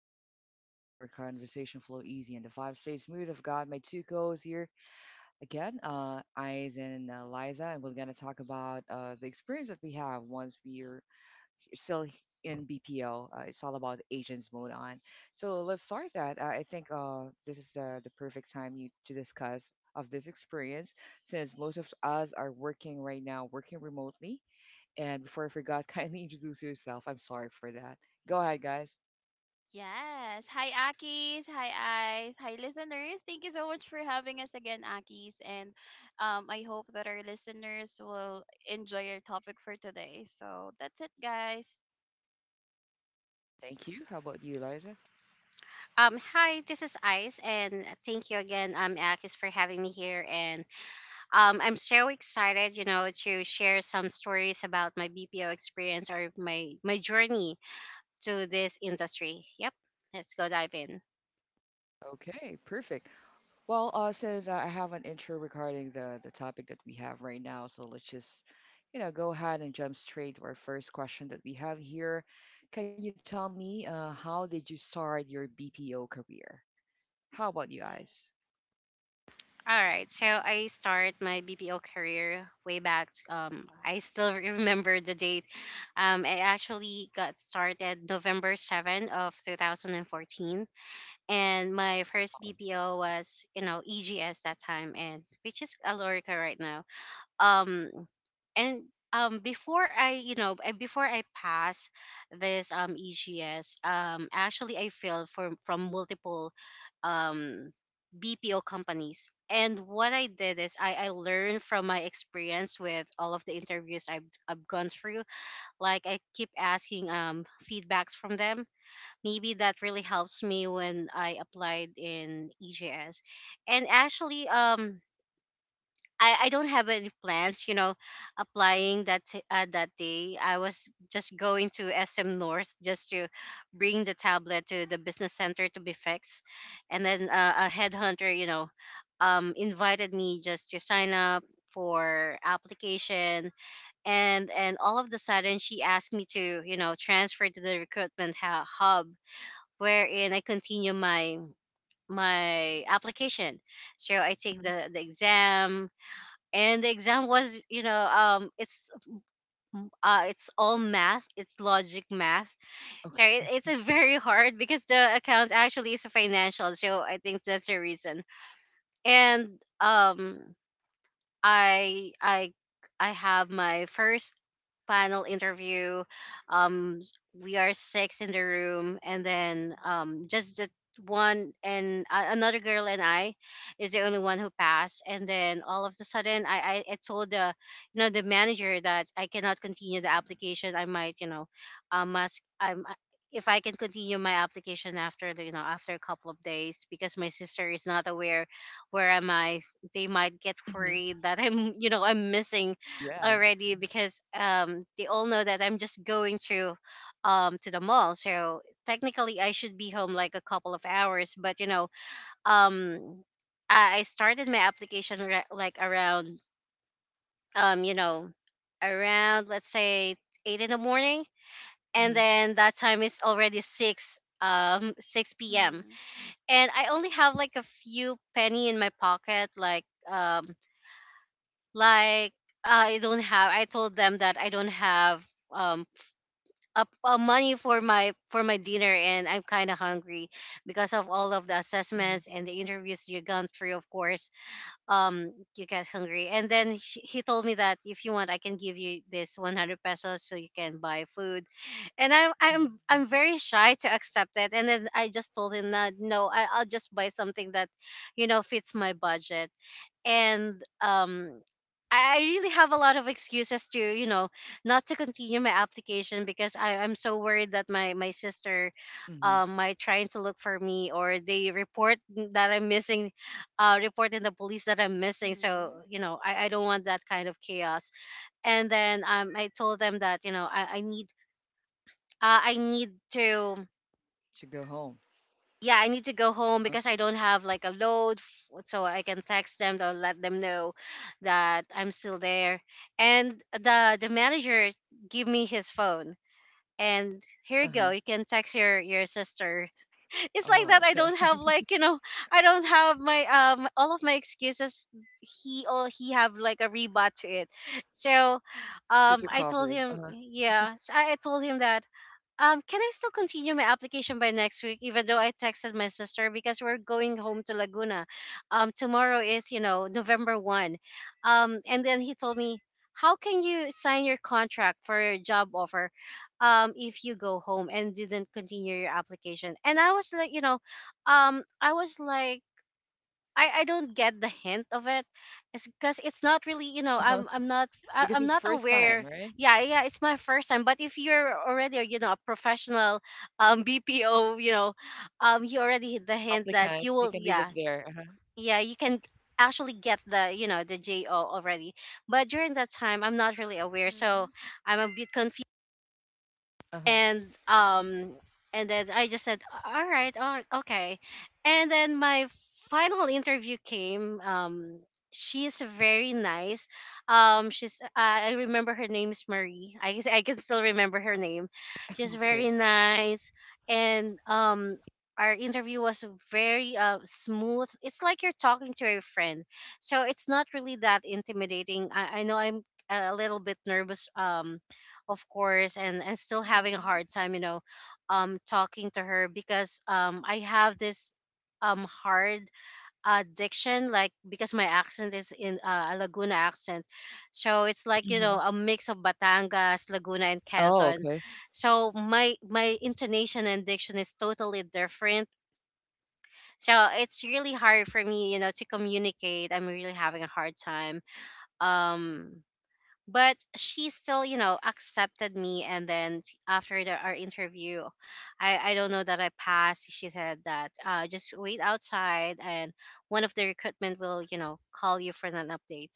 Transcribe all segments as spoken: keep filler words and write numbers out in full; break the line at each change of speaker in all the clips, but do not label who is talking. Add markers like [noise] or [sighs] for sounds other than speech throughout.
just tap into a chill zone where conversation flow easy and the vibe stays smooth. I've got my two co-hosts here again, uh, Eyes and uh, Liza, and we're gonna talk about uh, the experience that we have once we're still in B P O. Uh, it's all about agents mode on. So let's start that. Uh, I think uh, this is uh, the perfect time you to discuss of this experience since most of us are working right now, working remotely. And before I forgot, [laughs] kindly introduce yourself. I'm sorry for that. Go ahead, guys.
Yes. Hi, Akis. Hi, Eyes. Hi, listeners. Thank you so much for having us again, Akis. And um, I hope that our listeners will enjoy our topic for today. So that's it, guys.
Thank you. How about you, Liza?
Um, hi, this is Ice, and thank you again, um, Akis, for having me here. And um, I'm so excited, you know, to share some stories about my B P O experience or my my journey to this industry. Yep, let's go dive in.
Okay, perfect. Well, uh, since uh, I have an intro regarding the the topic that we have right now, so let's just, you know, go ahead and jump straight to our first question that we have here. Can you tell me, uh, how did you start your B P O career? How about you
Yes.
guys?
All right, so I start my B P O career way back. Um, I still [laughs] remember the date. Um, I actually got started November seventh of two thousand fourteen, and my first B P O was, you know, E G S that time, and which is Alorica right now. Um and um Before I, you know uh, before I pass this um E G S, um actually I failed from from multiple um B P O companies, and what I did is I, I learned from my experience with all of the interviews I've, I've gone through, like I keep asking um feedbacks from them. Maybe that really helps me when I applied in E J S. And actually, um, I, I don't have any plans, you know, applying that t- uh, that day. I was just going to S M North just to bring the tablet to the business center to be fixed, and then uh, a headhunter, you know, um, invited me just to sign up for application. And and all of the sudden, she asked me to, you know, transfer to the recruitment hu- hub, wherein I continue my my application. So I take
Mhm.
the the exam, and the exam was, you know, um it's m- uh it's all math, it's logic math. So it,
Okay.
it's a very hard because the account actually is financial. So I think that's the reason. And um I I I have my first panel interview. Um, s- we are six in the room, and then, um, just the one and uh, another girl and I is the only one who passed. And then all of a sudden, I, I I told the, you know, the manager that I cannot continue the application. I might, you know, um, must I'm. I- if I can continue my application after the, you know, after a couple of days, because my sister is not aware where am I. They might get
Hmm.
worried that I'm, you know, I'm missing
Yeah.
already, because um, they all know that I'm just going to, um, to the mall. So technically, I should be home like a couple of hours. But, you know, um, I I started my application ra- like around, um, you know, around, let's say, eight in the morning, and
Hmm.
then that time is already six, um, six p m.
Mm-hmm.
And I only have like a few penny in my pocket, like um like uh, I don't have, I told them that I don't have um a, a money for my for my dinner, and I'm kind of hungry because of all of the
Hmm.
assessments and the interviews you gone through. Of course um you get hungry, and then she, he told me that, if you want, I can give you this one hundred pesos so you can buy food. and I'm I'm
Hmm.
I'm very shy to accept it, and then I just told him that no, I, I'll just buy something that, you know, fits my budget. And um I I really have a lot of excuses to, you know, not to continue my application, because I, I'm so worried that my, my sister,
Hmm.
um, might trying to look for me, or they report that I'm missing, uh, report in the police that I'm missing. So,
Mm-hmm.
you know, I, I don't want that kind of chaos. And then, um, I told them that, you know, I, I need uh, I need to,
To go home.
yeah, I need to go
Huh?
home because I don't have like a load, f- so I can text them to let them know that I'm still there. And the the manager give me his phone, and here you go.
Uh-huh.
You can text your your sister. [laughs] It's
Oh,
like that.
okay.
I don't
[laughs]
have, like, you know, I don't have my, um all of my excuses. He all he have like a rebut to it. So,
To to
um, I
cover.
told
Uh-huh.
him, yeah. So I I told him that, um, can I still continue my application by next week, even though I texted my sister because we're going home to Laguna? Um, tomorrow is, you know, November first. Um, and then he told me, how can you sign your contract for your job offer, um, if you go home and didn't continue your application? And I was like, you know, um, I was like, I, I don't get the hint of it. It's because it's not really, you
Uh-huh.
know, I'm I'm not
Because
I,
it's
I'm not
first time,
aware.
right?
Yeah, yeah, it's my first time, but if you're already, you know, a professional um B P O, you know, um you already hit the
Applicant, you
hint
can
that
leave it
you will,
there.
yeah,
Uh-huh.
yeah, you can actually get the, you know, the J O already. But during that time, I'm not really aware, so
Mm-hmm.
I'm a bit confused.
Uh-huh.
and
Yeah.
um and then I just said, all right, oh, okay. And then my final interview came. Um she is very nice. Um she's I I remember her name is Marie, I guess. I can still remember her name. She's
Okay.
very nice. And um Our interview was very, uh, smooth. It's like you're talking to your friend, so it's not really that intimidating. I, I know I'm a little bit nervous, um of course, and and still having a
Mm-hmm.
hard time, you know, um talking to her, because um I have this um hard addiction, like, because my accent is in uh, a Laguna accent, so it's like, you
Hmm.
know, a mix of Batangas, Laguna, and
Oh,
Quezon.
okay.
So my my intonation and diction is totally different. So it's really hard for me, you know, to communicate. I'm really having a hard time, um but she still, you know, accepted me. And then t- after the, our interview, i i don't know that I passed. She said that, uh just wait outside, and one of the recruitment will, you know, call you for an update.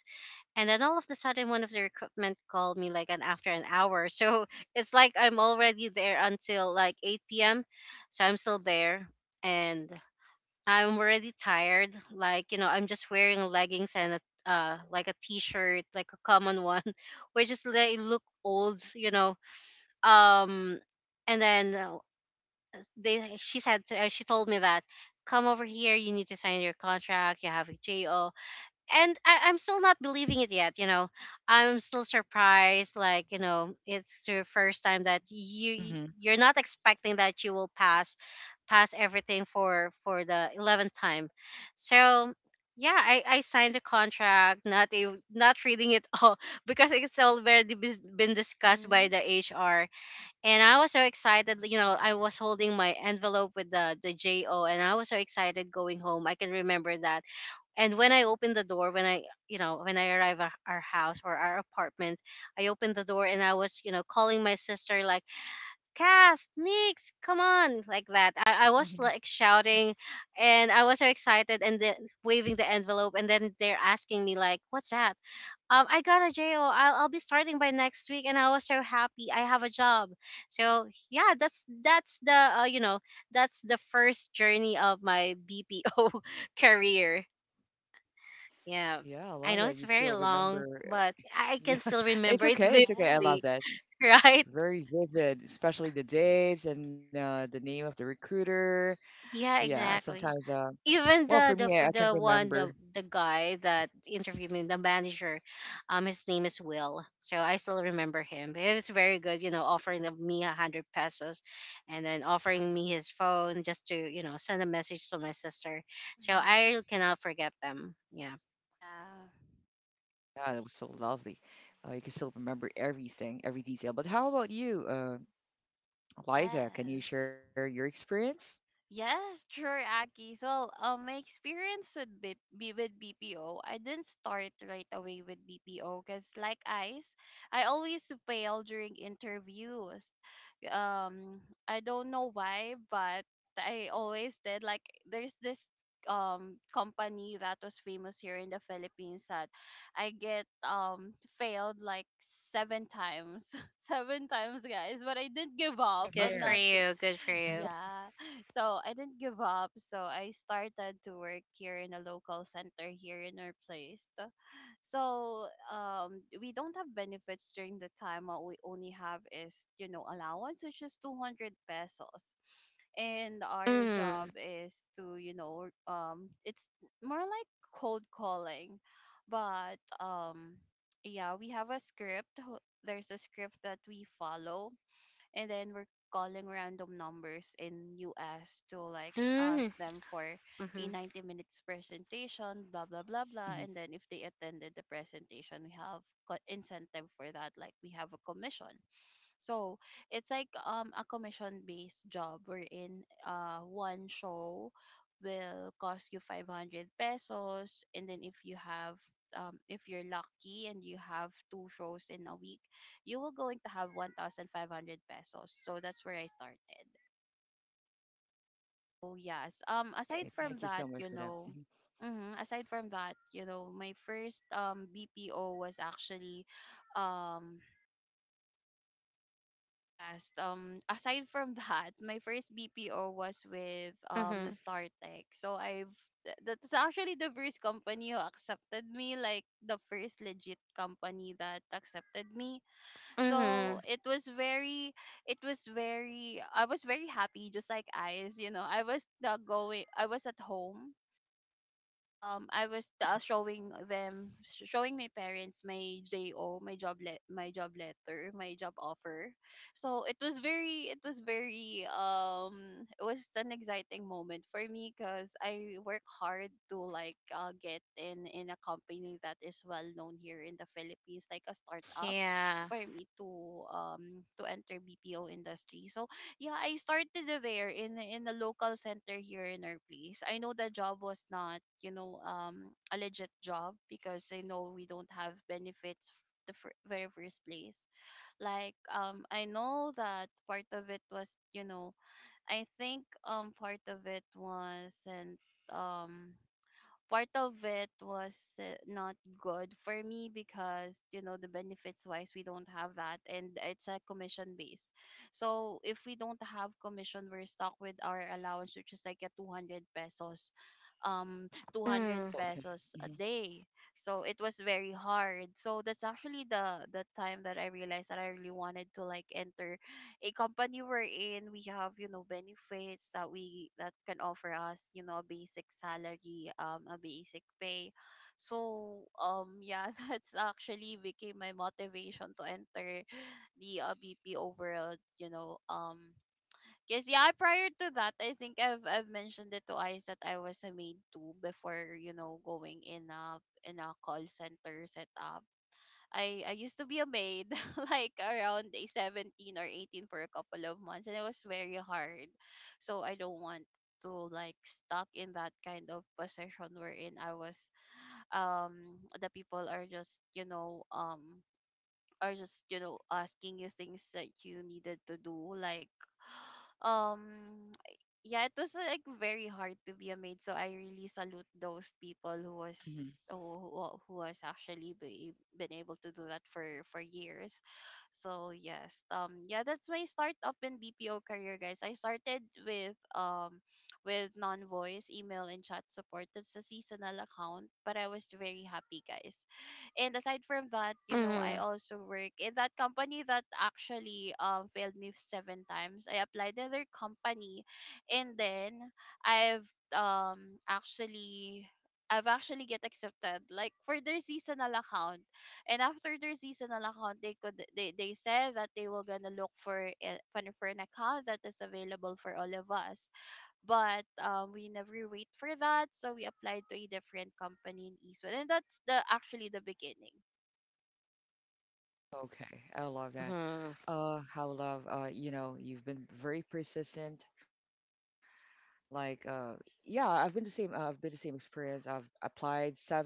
And then all of the sudden, one of the recruitment called me like an after an hour. So [laughs] it's like I'm already there until like eight p.m., so I'm still there. And I'm already tired. Like, you know, I'm just wearing leggings and a, uh like a t-shirt, like a common one, [laughs] which is they look old, you know. Um and then uh, they She said to, uh, she told me that, come over here, you need to sign your contract, you have a J O. And I, I'm still not believing it yet. You know, I'm still surprised. Like, you know, it's your first time that you,
Hmm.
you're not expecting that you will pass pass everything for for the eleventh time. So yeah, I I signed the contract, not ev- not reading it [laughs] all, because it's already bes- been discussed by
Mm-hmm.
the H R. And I was so excited. You know, I was holding my envelope with the the J O, and I was so excited going home. I can remember that. And when I open the door, when I, you know, when I arrive at our house or our apartment, I opened the door and I was, you know, calling my sister like, Kath, Nix, come on, like that. I, I
Hmm.
was like shouting and I was so excited, and then waving the envelope. And then they're asking me like, what's that? Um, I got a J O. I'll, I'll be starting by next week. And I was so happy. I have a job. So yeah, that's, that's the, uh, you know, that's the first journey of my B P O [laughs] career.
Yeah, I love that
Yeah.
you still
I know it's very
remember. uh,
long, but
Yeah, [laughs]
I can
it's
still
okay. It's
remember
okay.
it
I love that.
vividly,
Yes.
[laughs]
Very
right?
vivid, especially the dates and uh, the name of the recruiter. Yeah,
Yeah,
sometimes. Uh,
exactly.
well, for
Even
me, I, I
the the
can
for the
remember.
one the the guy that interviewed me, the manager, um, his name is Will. So I still remember him. He was very good, you know, offering of me a hundred pesos, and then offering me his phone just to, you know, send a message to my sister. So
Mm-hmm.
I cannot forget them. Yeah,
Yeah.
Yeah, that was so lovely. Uh, you can still remember everything, every detail. But how about you, uh, Liza? Can you
Yes.
share your experience?
Yes, sure, Aki. Well, um, my experience with B- B- with B P O, I didn't start right away with B P O because, like ICE, I always fail during interviews. Um, I don't know why, but I always did. Like, there's this um company that was famous here in the Philippines that I get um failed like seven times, [laughs] seven times, guys. But I didn't give
I'm
up.
good
I'm
here.
for
not.
you, good for you.
Yeah. [laughs] So I didn't give up. So I started to work here in a local center here in our place. [laughs] So so, um we don't have benefits during the time. What we only have is, you know, allowance which is two hundred pesos. And our job
Mm.
is to, you know, um it's more like cold calling. But um yeah, we have a script. ho- There's a script that we follow, and then we're calling random numbers in U S to, like, ask
Mm.
them for a
Mm-hmm.
ninety minutes presentation, blah blah blah
Hmm.
blah. And then if they attended the presentation, we have co- incentive for that, like we have a commission. So it's like um a commission based job, wherein uh one show will cost you five hundred pesos. And then if you have um, if you're lucky and you have two shows in a week, you will going to have one thousand five hundred pesos. So that's where I started. So yes,
Hey,
um
thank you
aside
so much
from
for that.
that, you
Hmm.
know, mhm, aside from that, you know, my first um B P O was actually um yes. Um. Aside from [laughs] that, my first B P O was with um
Mm-hmm.
StarTech. So I've th- that's actually the first company who accepted me, like the first legit company that accepted me. So
Mm-hmm.
it was very, it was very. I was very happy, just like I's. You know, I was not going. I was at home, um I was uh, showing them sh- showing my parents my J O, my job le- my job letter my job offer. So it was very it was very um it was an exciting moment for me, because I work hard to, like, uh, get in in a company that is well known here in the Philippines, like a startup,
Yeah.
for me to um to enter B P O industry. So yeah, I started there in in a local center here in our place. I know the job was not, you know, um, a legit job, because I know we don't have benefits f- the fir- very first place. Like, um, I know that part of it was, you know, I think um part of it was, and um part of it was uh, not good for me, because you know the benefits wise, we don't have that, and it's a commission base. So if we don't have commission, we're stuck with our allowance, which is like a two hundred pesos, um
Okay.
200
Mm.
pesos a day. So it was very hard. So that's actually the the time that I realized that I really wanted to, like, enter a company we're in we have, you know, benefits that we that can offer us, you know a basic salary, um a basic pay. So um yeah, [laughs] that's actually became my motivation to enter the uh, B P O world you know um Because yeah, prior to that, I think I've I've mentioned it to Ice that I was a maid too before, you know going in a in a call center setup. I I used to be a maid, [laughs] like around day seventeen or eighteen for a couple of months, and it was very hard. So I don't want to, like, stuck in that kind of position wherein I was um the people are just, you know, um are just, you know, asking you things that you needed to do, like, um yeah, it was like very hard to be a maid. So I really salute those people who
Hmm.
was, who, who who has actually be, been able to do that for for years. So yes, um yeah, that's my start up in BPO career, guys. I started with um with non-voice email and chat support. That's a seasonal account, but I was very happy, guys. And aside from that, you know, I
Mm-hmm.
also work in that company that actually um failed me seven times. I applied to their company, and then I've um actually I've actually get accepted, like, for their seasonal account. And after their seasonal account, they could they, they said that they were gonna look for a- for an for an account that is available for all of us. But um, we never wait for that, so we applied to a different company in Eastwood, and that's the actually the beginning.
Okay, I love that.
Hmm.
Uh, how love, uh, you know, you've been very persistent. Like, uh, yeah, I've been the same, uh, I've been the same experience. I've applied seven,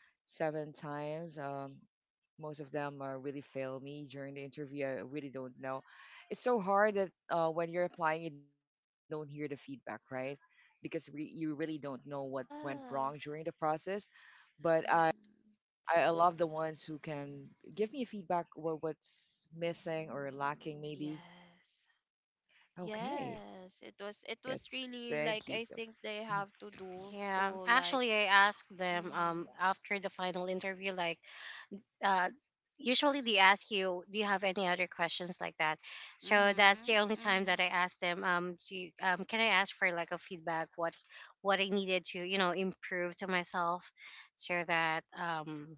seven times. Um, most of them uh, really fail me during the interview. I really don't know. It's so hard that uh, when you're applying, you don't hear the feedback, right? Because we, you really don't know what went wrong during the
Yes.
process. But I.
Hmm.
I, I love the ones who can give me feedback what what's missing or lacking maybe.
Yes.
Okay, uh,
Yes, it was,
thank
it
you so
was really,
much.
like, I think they have to do to,
Yeah.
like.
Actually, I asked them
Mm-hmm.
um after the final interview, like, uh, usually they ask you, do you have any other questions, like that? So that's the
Mm-hmm.
only time
Mm-hmm.
that I asked them, um, do you, um, can I ask for like a feedback? What, what I needed to, you know, improve to myself, so that, um,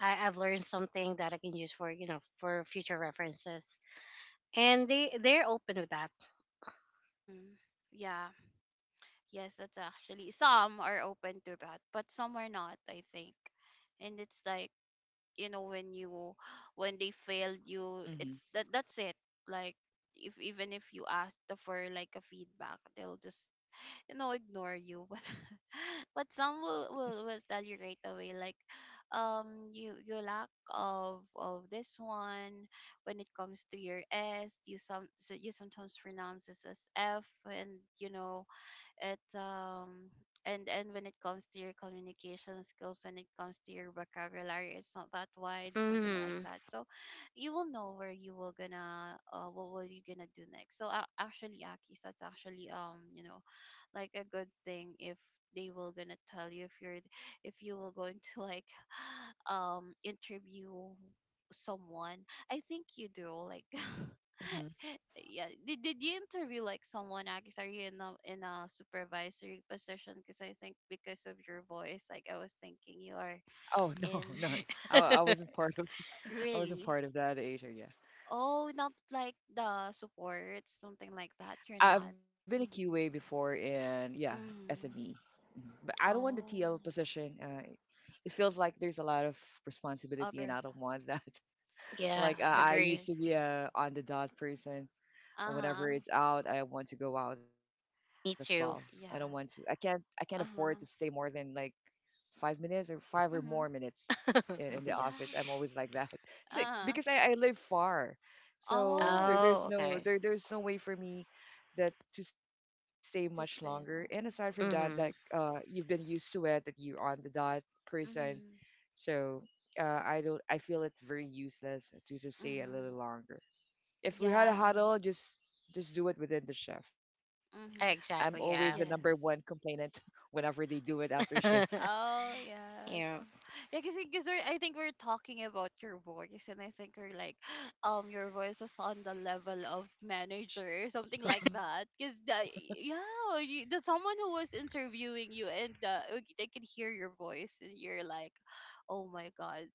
I, I've learned something that I can use for, you know, for future references. And they they're open with that.
Mm-hmm. Yeah. Yes, that's actually some are open to that, but some are not, I think. And it's like, you know when you when they failed you,
Hmm.
it's that, that's it. Like, if even if you ask the for, like, a feedback, they'll just, you know ignore you. [laughs] But but some will, will will tell you right away, like, um you you lack of of this one, when it comes to your s, you some so you sometimes pronounce this as f. And, you know it, um and and when it comes to your communication skills, when it comes to your vocabulary, it's not that wide, something like
Hmm.
that. So you will know where you will gonna uh, what will you gonna do next. So uh, actually, Akis, that's actually, um you know like a good thing, if they will gonna tell you. If you're if you will going to, [laughs] like, [sighs] um interview someone, I think you do, like. [laughs]
Hmm.
Yeah, did, did you interview, like, someone, Akis? Are you in a in a supervisory position? Because I think because of your voice, like, I was thinking you are
Oh no, [laughs] no,
in.
I, I wasn't part of [laughs] I wasn't part of
Really?
that Asia. Yeah,
Oh, not like the support, something like that, you're
I- I've been
not.
a Q A
Mm-hmm.
before in yeah S M E,
Mm-hmm.
mhm, but I don't want the T L
Oh.
position. Uh, it feels like there's a lot of responsibility,
Of
and I don't
responsibility.
want that. [laughs]
Yeah,
Like I I
Yeah,
agree.
I
used to be
see.
a on the dot person, or
Uh-huh.
whenever it's out I want to go out as well. I don't
Me
want to. i
too.
can't i
Yes.
can't afford to stay more
Uh-huh.
than like five minutes or five or more
Mm-hmm.
minutes in, in the
[laughs]
office. I'm
Yeah.
always like that. [laughs] So, because
Uh-huh.
I, I live far, so there, there's
Oh,
Oh,
no
okay.
there, there's no way for me that to stay much longer. And
just in.
aside from that
Mm-hmm.
that uh
Mm-hmm.
you've been used to it that you're on the dot person. So uh, I don't, I feel it very useless to just stay a little
Mm-hmm.
longer if we had a
Yes.
huddle, just just do it within the shift. I'm
Mm-hmm.
always the number
Exactly,
one
yeah.
Yes.
complainant [laughs] whenever they do it after shift. [laughs]
[laughs]
Oh, yes.
Yeah.
Oh. Yeah, because because I think we're talking about your voice, and I think we're like, [gasps] um, your voice is on the level of manager or something like that. Because the yeah, you, the someone who was interviewing you, and uh, like, they can hear your voice, and you're like, oh my god,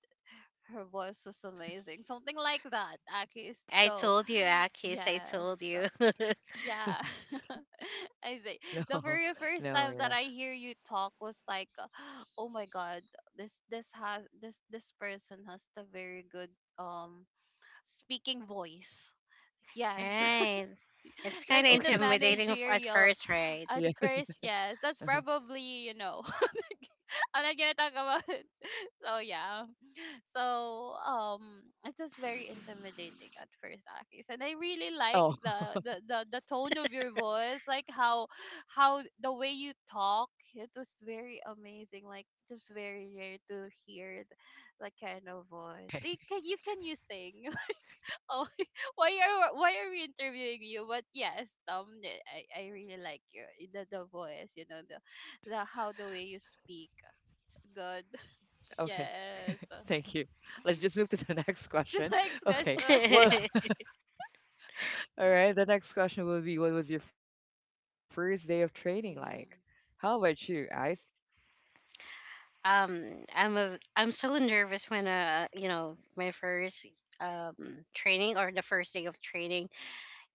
her voice was amazing, something like that. Okay,
I
so
told you, Akis, I
yes,
told you. [laughs]
yeah. [laughs]
No,
I think
no,
the
yeah.
very first time that I hear you talk was like, [gasps] oh my god, this this has this this person has the very good, um speaking voice, yes. [laughs]
Right. It's kind
Like,
of
in
Okay,
the
intimidating f- at
[laughs]
managerial
first,
yeah.
right?
at
Uh-huh.
first, yes. That's probably, you know [laughs] I'm not gonna talk about it. [laughs] So yeah, so um it was very intimidating at first, Akis. And I really like
Oh,
the, the the the tone of your voice, like how how the way you talk. It was very amazing. Like, it was very rare to hear th- that kind of voice.
okay,
You can you can you sing? [laughs] Oh, [laughs] why are why are we interviewing you? But yes, um, eh, I I really like your, the the voice. You know the the how the way you speak. It's good. [laughs]
okay. Thank you.
Yes.
Let's just move to the [laughs] next question.
[laughs] The
Okay.
next
Well,
question.
[laughs]
[laughs]
all right. The next question will be, what was your first day of training like?
[laughs]
How about
Mhm.
you, Ice?
um, I'm a, I'm so nervous when uh, you know, my first um training, or the first day of training,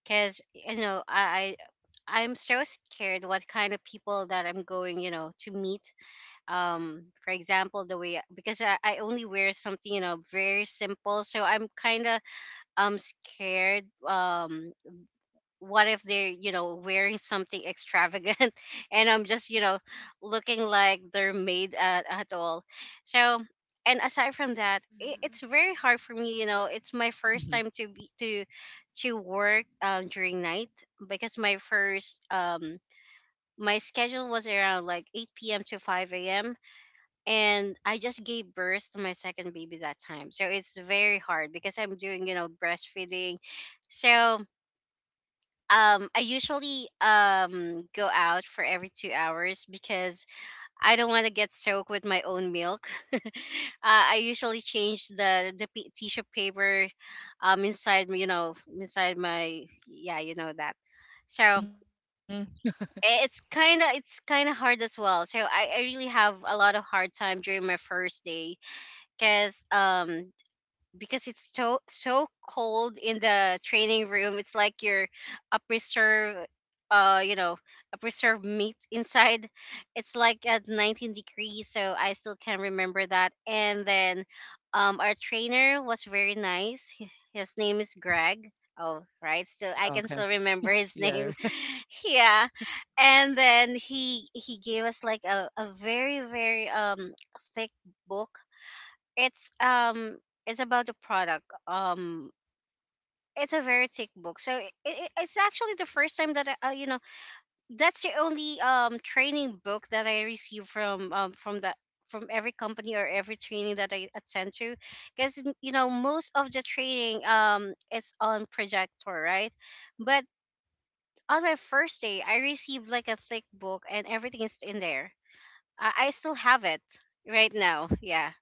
because you know, I, I I'm so scared what kind of people that I'm going, you know, to meet. Um for example, the way, because I, I only wear something, you know very simple, so I'm kind of um scared. Um what if they're, you know wearing something extravagant, [laughs] and I'm just, you know looking like they're made at, at all. So, and aside from that, it, it's
Mhm.
very hard for me, you know it's my
Hmm.
first time to be to to work, um, during night, because my first um my schedule was around like eight p m to five a m, and I just gave birth to my second baby that time. So it's very hard because I'm doing, you know, breastfeeding. So um I usually um go out for every 2 hours, because I don't want to get soaked with my own milk. [laughs] uh, I usually change the the p- tissue paper, um inside, you know, inside my, yeah, you know that. So
Hmm.
i- it's kind of it's kind of hard as well. So I, I really have a lot of hard time during my first day, because um because it's so, so cold in the training room. It's like you're a preserve uh you know a preserved meat [laughs] inside. It's like at 19 degrees, so I still can remember that. And then um our trainer was very nice. He- his name is Greg. Oh right, still I can still
Okay.
remember his name.
Yeah.
[laughs] Yeah. And then he he gave us like a, a very, very um thick book. It's um it's about the product. Um it's a very thick book, so it, it, it's actually the first time that I, uh, you know that's the only um training book that I receive from um from the from every company or every training that I attend to. Because you know most of the training um is on projector, right? But on my first day, I received like a thick book, and everything is in there. I, I still have it right now. Yeah.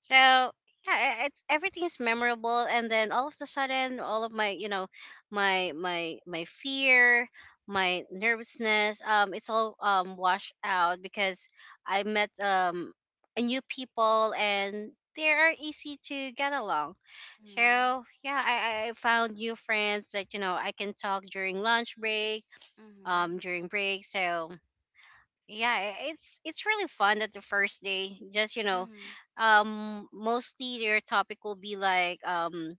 So yeah, I- it's everything is memorable. And then all of the sudden, all of my you know, my my my fear, my nervousness, um, it's all um washed out, because I met um a new people, and they are easy to get along. So
Mhm.
yeah, I, I I found new friends that, you know I can talk during lunch break, um
Mhm.
during break. So yeah, i- it's it's really fun that the first day, just, you know
Mhm.
um mostly your topic will be like, um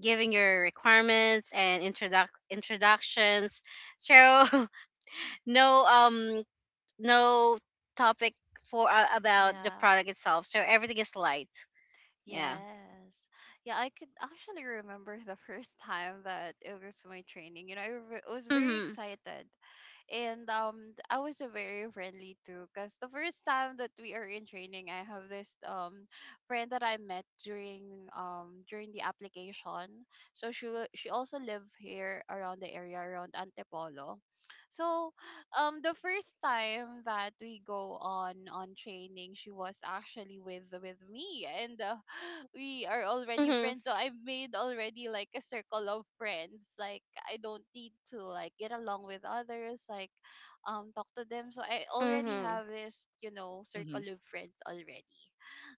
giving your requirements and introduc introductions. So [laughs] no, um no topic for uh, about the
Yeah.
product itself, so everything is light. Yeah.
Yes. Yeah, I could actually remember the first time that it was my training. You know, I re- was very
Mm-hmm.
excited, and um I was a very friendly too, because the first time that we are in training, I have this um friend that I met during um during the application. So she wa- she also lived here around the area around Antipolo. So um the first time that we go on on training, she was actually with with me. And uh, we are already
Mm-hmm.
friends, so I've made already like a circle of friends. Like, I don't need to, like, get along with others, like, um talk to them. So I already
Hmm.
have this, you
[laughs]
know
Hmm.
circle of friends already.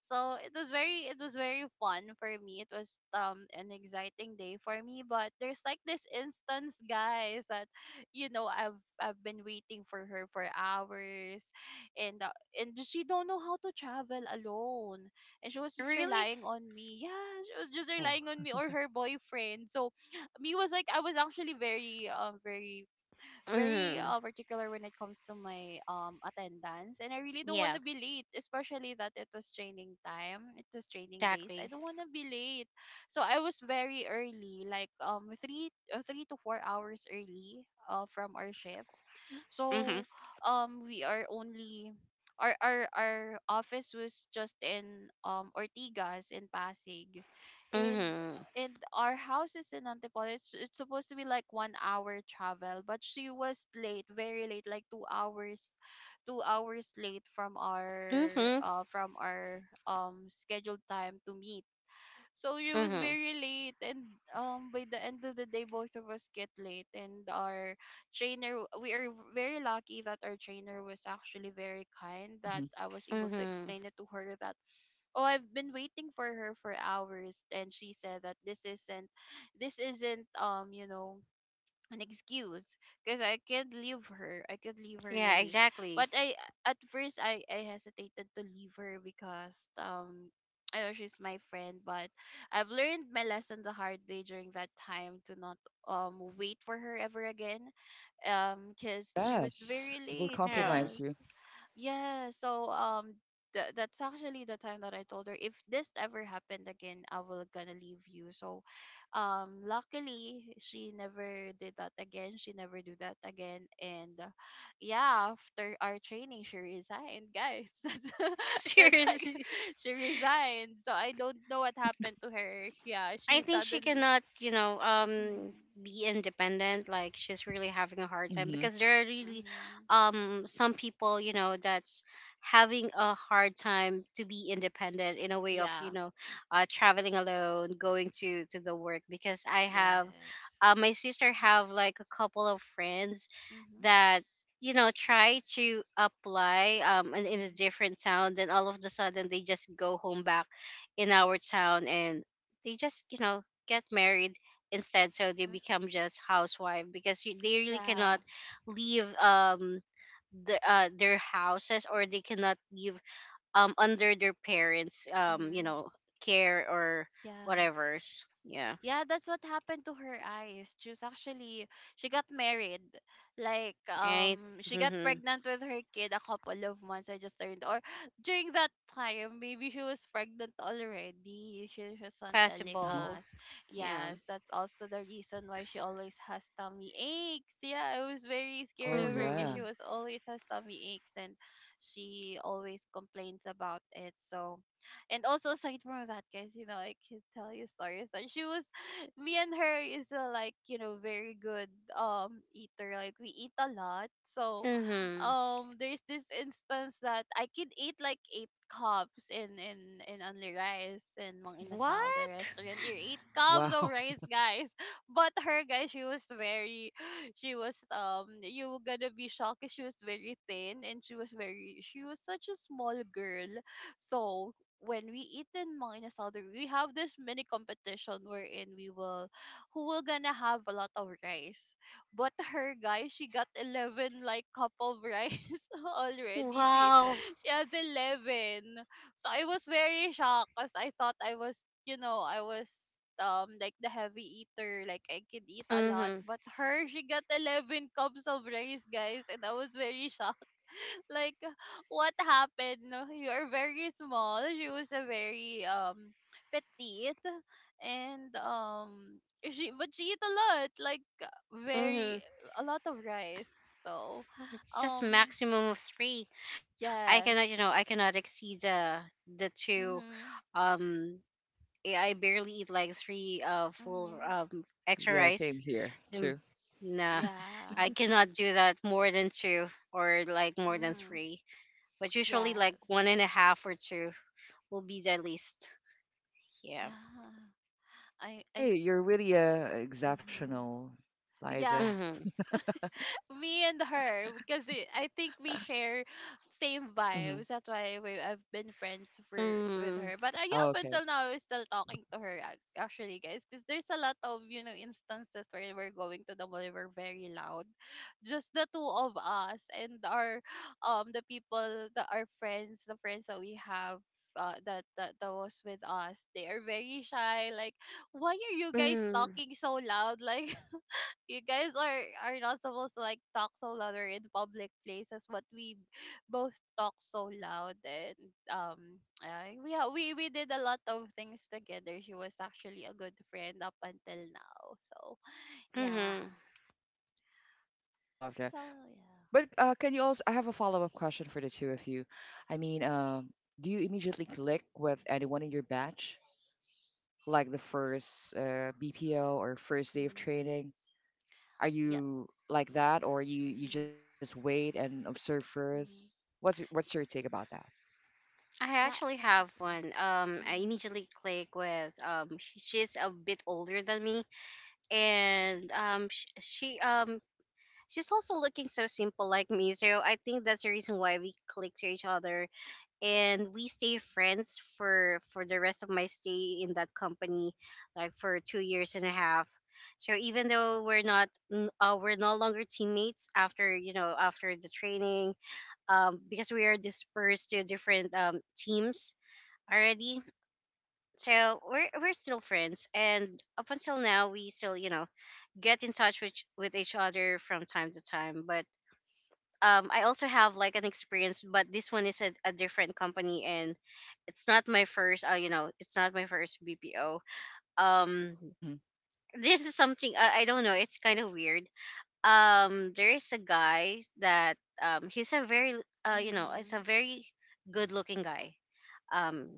So it was very it was very fun for me. It was um an exciting day for me. But there's, like, this instance, guys, that, you know i've i've been waiting for her for hours. And uh, and she don't know how to travel alone. And she was just
Really?
relying on me. Yeah, she was just relying on me
Oh,
or her boyfriend. So me was like I was actually very um very very
Mm-hmm.
uh, particular when it comes to my um attendance, and I really don't want
Yeah,
to be late, especially that it was training time, it was training days. I
exactly.
don't want to be late. So I was very early, like um three uh, three to four hours early, uh, from our shift.
Mm-hmm.
So um we are only our our our office was just in um Ortigas in Pasig, and
Mm-hmm.
and our house is in Antipolo. It's it's supposed to be like one hour travel, but she was late, very late, like two hours, two hours late from our
Mm-hmm.
uh from our um scheduled time to meet. So she was
Mm-hmm.
very late, and um by the end of the day, both of us get late, and our trainer, we are very lucky that our trainer was actually very kind, that
hmm,
I was able to
Hmm.
explain it to her that oh, I've been waiting for her for hours. And she said that this isn't this isn't um you know an excuse because I could leave her, I could leave her,
Yeah,
really.
exactly.
But I at first I I hesitated to leave her because um I know she's my friend. But I've learned my lesson the hard way during that time to not um wait for her ever again. Um, cause she was
yes.
very
It will
late.
Um,
compromise
Yes,
you.
yeah, so um th- that's actually the time that I told her, if this ever happened again, I will gonna leave you. So um luckily she never did that again. She never do that again. And uh, yeah, after our training she resigned, guys. [laughs] That's
[laughs]
[laughs] that's like
seriously,
[laughs] she resigned. So I don't know what happened to her. Yeah,
I
she
think she
suddenly
cannot, you know, um
hmm
be independent. Like, she's really having a hard time, because
Mm-hmm.
there are really
hmm.
um some people, you know, that's having a hard time to be independent in a way of,
Yeah.
you know, uh traveling alone, going to to the work. Because I have
Yes.
uh my sister have like a couple of friends
Mm-hmm.
that, you know try to apply um in, in a
Mm-hmm.
different town. Then all of the sudden, they just go home back in our town, and they just, you know get married instead. So they
Mm-hmm.
become just housewife, because you, they really
Yeah.
cannot leave um the, uh, their houses, or they cannot leave um under their parents' um you
Mm-hmm.
know care or
Yes.
whatever's. Yeah.
Yeah, that's what happened to her eyes. She's actually she got married. Like
Right.
um she got
Mm-hmm.
pregnant with her kid a couple of months, I just learned. Or during that time, maybe she was pregnant already. She wasn't telling
Possible.
us.
Yeah.
Yes, that's also the reason why she always has tummy aches. Yeah, I was very scared of
Oh
her because she
Mm-hmm.
was
yeah.
always has tummy aches and she always complains about it. So and also aside from that, guys, you know, I can tell you stories that she was me and her is uh, like, you know, very good um eater, like we eat a lot. So
Mm-hmm.
um there's this instance that I could eat like eight cups in in in only rice and mang inasal, the
What?
restaurant. You eight cups of
Wow.
rice,
[laughs]
guys. [laughs] But her, guys, she was very [sighs] she was um you were gonna be shocked, 'cause she was very thin and she was very she was such a small girl. So when we eat in Mang Inasal, there- we have this mini competition wherein we will, who will gonna have a lot of rice. But [laughs] her, guys, she got eleven like cup of rice [laughs] already. She
Wow.
she has eleven. So I was very shocked because I thought I was, you know, I was um like the heavy eater, like I could eat a lot.
Mm-hmm.
But her, she got eleven cups of rice, guys, and I was very shocked. Like [laughs] what happened, no? [laughs] You are very small. She was a very um petite, and um she but she eat a lot, like very
Mm-hmm.
a lot of rice. So
It's just
um
maximum of three. I
yes.
cannot, you know, I cannot exceed the the two.
Mhm.
Um, I I barely eat like three uh full
Mhm.
um extra
Yeah,
rice.
same here.
Mm,
True.
nah,
Yeah.
I cannot do that more than two, or like more than
Mhm.
three. But usually
Yes.
like one and a half or two will be the least. Yeah.
Yeah. I I
Hey, you're really uh,
mhm
exceptional,
Yeah,
Liza.
Mm-hmm.
me and her, because the- I think we share same
Mm-hmm.
vibes. That's why we, I've been friends for with
Mm-hmm.
her. But uh, yeah,
Oh,
up
okay.
until now, I was still talking to her ac- actually, guys, because there's a lot of, you know, instances where we're going to the mall, we're very loud, just the two of us and our um the people that are friends, the friends that we have. Uh, that, that that was with us. They are very shy, like why are you guys
Mm-hmm.
talking so loud? [laughs] Like you guys are are not supposed to like talk so loud or in public places, but we both talk so loud. And um I, we ha- we we did a lot of things together. She was actually a good friend up until now. So yeah,
Mm-hmm.
so
I love that.
yeah.
But uh, can you also? I have a follow-up question for the two of you. I mean, um, do you immediately click with anyone in your batch, like the first uh, B P O or first day of
Mm-hmm.
training? Are
Yeah.
you like that, or you you
Mm-hmm.
just wait and observe first?
Mm-hmm.
What's your- what's your take about that?
I
Yeah.
actually
Mm-hmm.
have one. Um, I immediately click with um. sh- She's a bit older than me, and um she, she um she's also looking so simple like me, so I think that's the reason why we click to each other. And we stay friends for for the rest of my stay in that company, like for two years and a half. So even though we're not n- uh, we're no longer teammates, after you know after the training, um because we are dispersed to different um teams already. So we're we're still friends, and up until now we still, you know get in touch with with each other from time to time. But um I also have like an experience, but this one is a, a different company, and it's not my first, uh, you know it's not my first BPO. um
Mm-hmm.
this is something I i don't know, it's kind of weird. Um there is a guy that, um he's a very uh you know it's a
Mm-hmm.
very good looking guy. um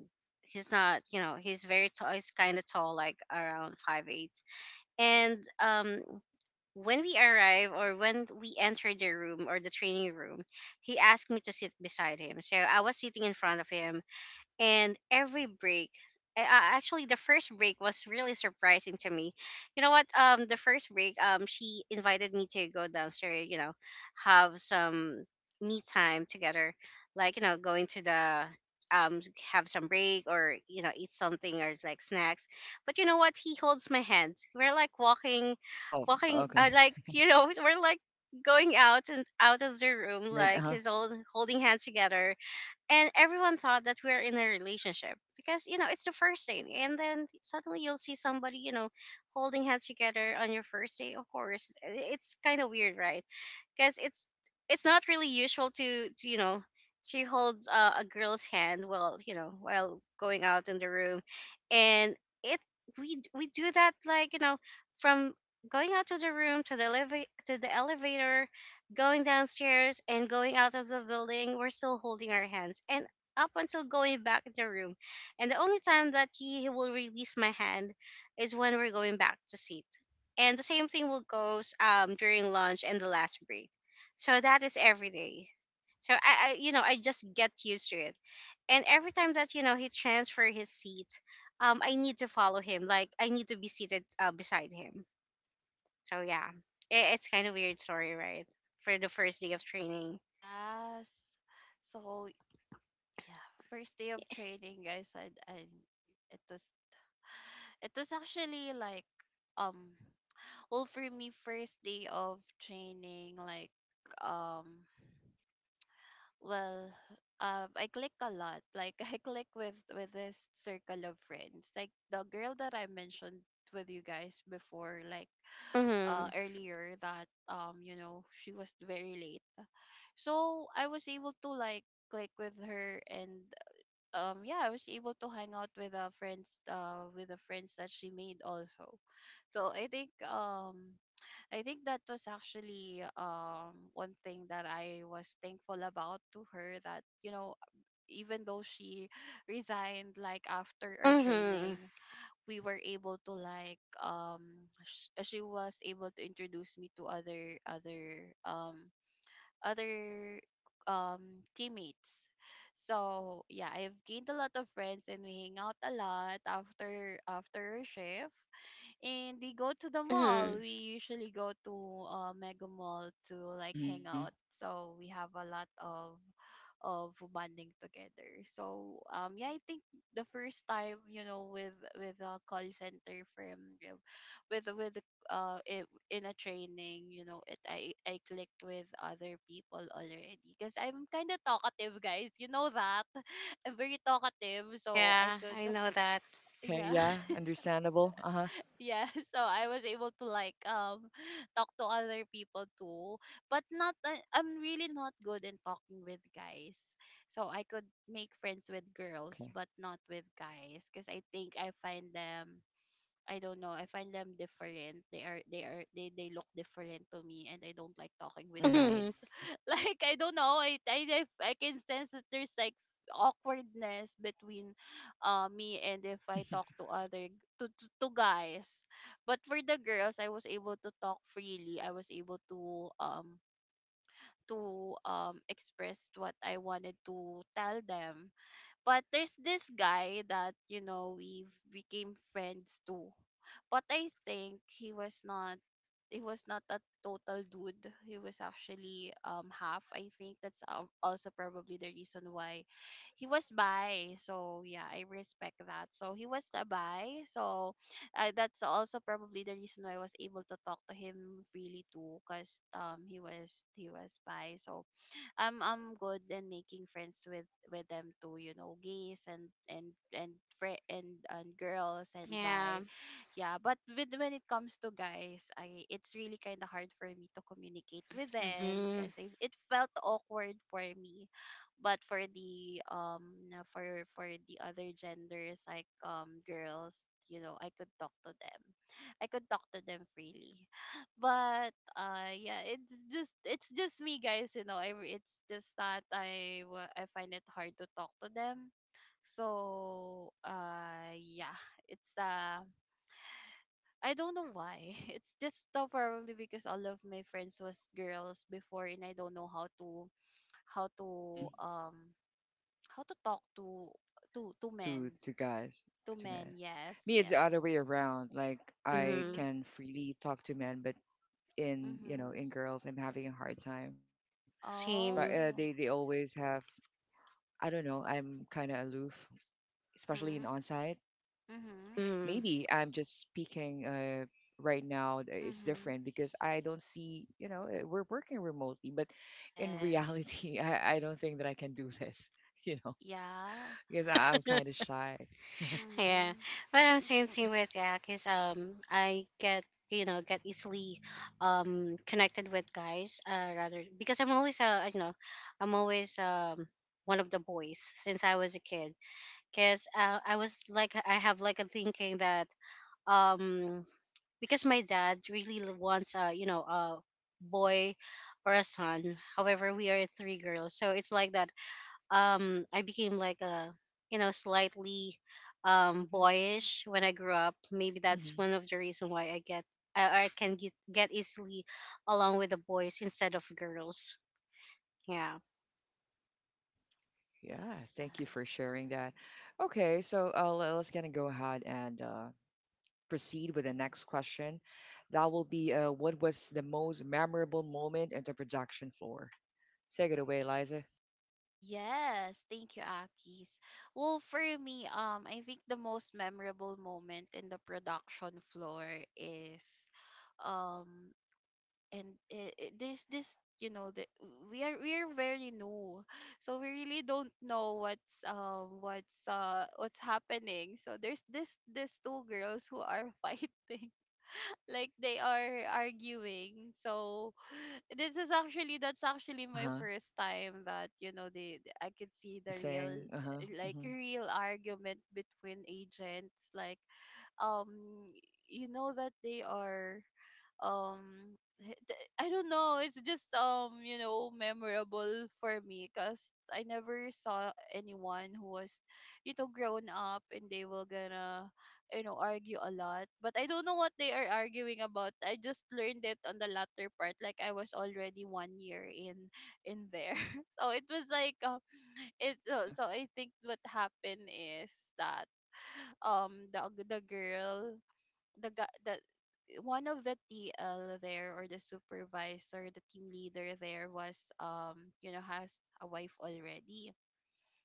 he's not, you know he's very tall, he's kind of tall, like around five eight. And um when we arrive, or when we enter the room or the training room, he asked me to sit beside him. So I was sitting in front of him. And every break, I, I- actually, the first break was really surprising to me. You know what? Um the first break, um she invited me to go downstairs, you know have some me time together, like, you know going to the um have some break, or you know eat something or like snacks. But you know what? He holds my hand. We're like walking
Oh,
walking uh,
okay.
like, you know [laughs] we're like going out and out of the
Very
room,
intimate. Uh
like
huh.
he's all holding hands together. And everyone thought that we're in a relationship, because, you know it's the first date, and then suddenly you'll see somebody, you know holding hands together on your first date. Of course, i- it's kind of weird, right? Because it's it's not really usual to, to you know she holds, uh, a girl's hand, while, you know while going out in the room. And it we we do that, like, you know from going out to the room, to the eleva- to the elevator going downstairs and going out of the building, we're still holding our hands, and up until going back in the room. And the only time that he will release my hand is when we're going back to seat. And the same thing will goes um during lunch and the last break. So that is every day. So I, I you know, I just get used to it. And every time that, you know, he transfer his seat, um, I need to follow him. Like, I need to be seated, uh, beside him. So yeah, it, it's kind of weird story, right? For the first day of training.
Yes. So yeah, first day of training, guys, and, and it was It was actually like um well, for me, first day of training, like um
Mhm.
well, uh, I click a lot, like [laughs] I click with with this circle of friends, like the girl that I mentioned with you guys before, like uh
Mhm.
earlier, that um you know, she was very late. So I was able to like click with her. And um yeah, I was able to hang out with uh friends uh with the friends that she made also. So I think um I think that was actually um one thing that I was thankful about to her, that you know, even though she [laughs] [sighs] resigned like after our
Mhm.
training, we were able to like um sh- she was able to introduce me to other other um other um teammates. So yeah, I've gained a lot of friends, and we hang out a lot after after our shift, and we go to the mall.
Mhm.
We usually go to uh, Mega Mall to like hang
Mhm.
out. So we have a lot of of bonding together. So um yeah, I think the first time, you know, with with a call center firm, you know, with with uh i- in a training, you know, it I I clicked with other people already, because I'm kind of talkative, guys. You know that [laughs] I'm very talkative, so I
Yeah,
could
I know that.
Okay.
yeah
Yeah.
[laughs]
Understandable. Uh huh.
yeah [laughs] so I was able to like um [laughs] talk to other people too. But not I- I'm really not good in talking with guys. So I could make friends with girls
Okay.
but not with guys, because I think I find them, I don't know. I find them different. They are they are they they look different to me, and I don't like talking with
Mhm.
guys.
Mhm.
[laughs] Like I don't know. I I I I can sense that there's like awkwardness between uh me and if I talk to other g- to, to to guys. But for the girls, I was able to talk freely. I was able to um to um express what I wanted to tell them. But there's this guy that, you know, we became friends too. But I think he was not he was not a total dude. He was actually um half. I think that's al- also probably the reason why he was bi. So yeah, I respect that. So he was a bi. So uh, that's also probably the reason why I was able to talk to him freely too, cause um he was he was bi. So I'm I'm good in making friends with with them too. You know, gays and and and fri- and and girls and
Yeah.
bi. Yeah, but with when it comes to guys, I it's really kind of hard for me to communicate with them,
Mhm.
because it, it felt awkward for me. But for the um na- for for the other genders, like um girls, you know, I could talk to them. I could talk to them freely. But uh yeah, it's just it's just me, guys, you know, I, re- it's just that i wa- i find it hard to talk to them. So uh yeah, it's uh I don't know why. [laughs] It's just uh, probably because all of my friends was girls before, and I don't know how to how
Mhm.
to um how to talk to to to
To
men,
to guys,
to
to
men.
men.
Yes,
Me it's the
yes.
other way around. Like I
Mhm.
Mhm.
can freely talk to men, but in you know
Mhm.
in girls, I'm having a hard time. Sp-
Same.
uh,
Oh.
they they always have. I don't know. I'm kind of aloof, especially
Mhm.
in on-site.
Mhm.
Mhm.
Maybe I'm just speaking uh, right now. Th- It's
Mhm.
different because I don't see, you know, uh, we're working remotely, but in
Yes.
reality, [laughs] I, I don't think that I can do this, [laughs] you know,
Yeah.
because I, I'm kind of shy. [laughs]
Yeah.
Mhm.
But I'm same thing with, yeah, cause um I get you know get easily um connected with guys, uh rather, because I'm always uh you know I'm always um one of the boys since I was a kid. Because uh, I was like I have like a thinking that, um because my dad really l- wants, a you know a boy or a son, however, we are three girls. So it's like that, um I became like a you know slightly um
Mhm.
boyish when I grew up. Maybe that's
Hmm.
one of the reason why i get i, I can get, get easily along with the boys instead of girls. Yeah.
Yeah, thank you for
Yes.
sharing that. Okay, so uh, le- let's kind of go ahead and uh, proceed with the next question. That will be uh, what was the most memorable moment at the production floor? Take it away, Liza.
Yes, thank you, Akis. Well, for me, um, I think the most memorable moment in the production floor is, um, and it, it, there's this, you know, the, we are we are very new, so we really don't know what's um what's uh what's happening. So there's this this two girls who are [laughs] fighting, like they are arguing. So [gasps] [sighs] this is actually that's
Uh huh.
actually my first time that you know they I could see the real
Witnessing. Uh huh.
like real argument between agents, like um you know that they are um h- th- I don't know. It's just um you know memorable for me because I never saw anyone who was you know grown up and they were gonna you know argue a lot. But I don't know what they are arguing about. I just learned it on the latter part. Like I was already one year in in there, [laughs] so it was like um it
Uh
so, so
huh.
I think what happened is that um the the girl the gu- the one of the T L there, or the supervisor, the team leader there was um you know has a wife already.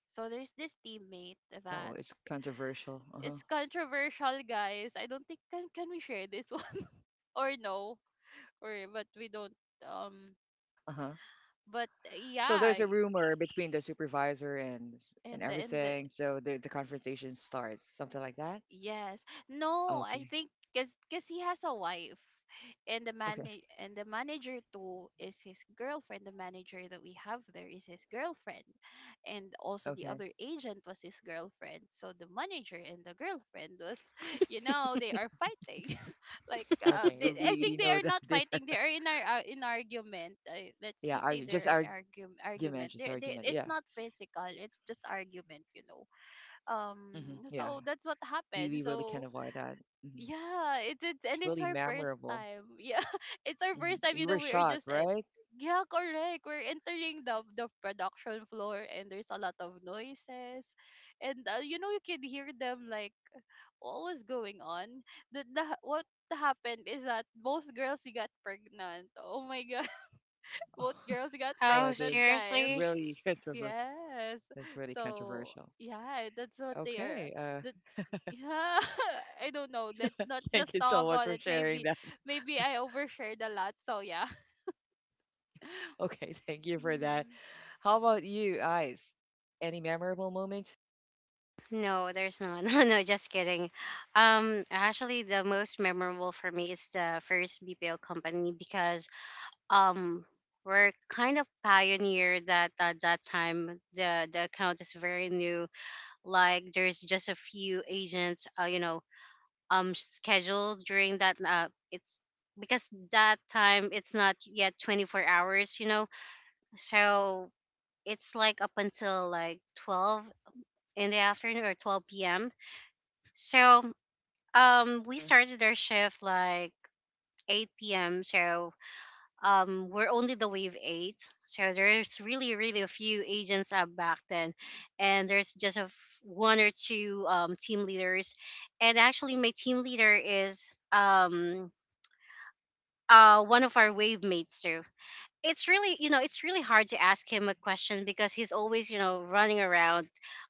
So there's this teammate that
Oh, it's controversial.
it's
Uh-huh.
controversial, guys. I don't think can can we share this [laughs] one or no or but we don't um
Uh-huh.
but
So
yeah
there's a rumor between the supervisor and s- and
and the- and the
everything. So the the confrontation starts, something like that.
Yes. No, I
Okay.
think cause, cause he has a wife and the man
Okay.
and the manager too is his girlfriend. The manager that we have there is his girlfriend. And also
Okay.
the other agent was his girlfriend. So the manager and the girlfriend was [laughs] you know, they are fighting. [laughs] like uh,
Okay.
they, I
We
think they
know
are
that. [laughs]
not
they.
fighting. They are in our uh, in argument. Uh, let's
Yeah.
just say
Argue, just
they're in
argument. Just
argument
argument.
argument.
Yeah.
They they It's not physical. It's just argument, you know
Mm-hmm.
um
Yeah.
so that's what
We we really
happened.
can't
So
avoid that. Hmm.
yeah, it, it's,
It's
and it's
really
our first
memorable.
time. [laughs] Yeah, it's our
Hmm.
first time, you
You
know.
were
We are just
shocked,
en-
right?
Yeah, correct, we're entering the the production floor, and there's a lot of noises. And uh, you know, you can hear them, like, what was going on. The, the What happened is that both girls got pregnant. Oh my god. [laughs] Both girls got
[laughs]
Oh,
pregnant,
Oh, that's
guys.
seriously?
really controversial.
Yes,
That's really
so
controversial.
yeah, that's what they are.
Okay. Uh,
The Yeah, [laughs] I don't know. Let's not
[laughs]
just
thank you so
talk
much
about
for
it.
sharing
Maybe,
that.
maybe I overshared a lot. So yeah.
Okay, [laughs] thank
[laughs]
you for that.
Mhm.
How about you, Eyes? Any memorable moment.
No, there's not. [laughs] No, no, just kidding. Um, actually, the most memorable for me is the first B P O company, because um, we're kind of pioneer, that at that time the the account is very new. Like, there's just a few agents, uh, you know, um, scheduled during that. Uh, it's because that time it's not yet twenty-four hours, you know. So it's like up until like twelve in the afternoon, or twelve p m. So Um, we
Hmm.
started our shift like eight p m. So um, we're only the wave eight. So there's really, really a few agents up back then, and there's just a f- one or two, um, team leaders. And actually, my team leader is um, uh, one of our wave mates too. It's really you know it's really hard to ask him a question because he's always you know running around,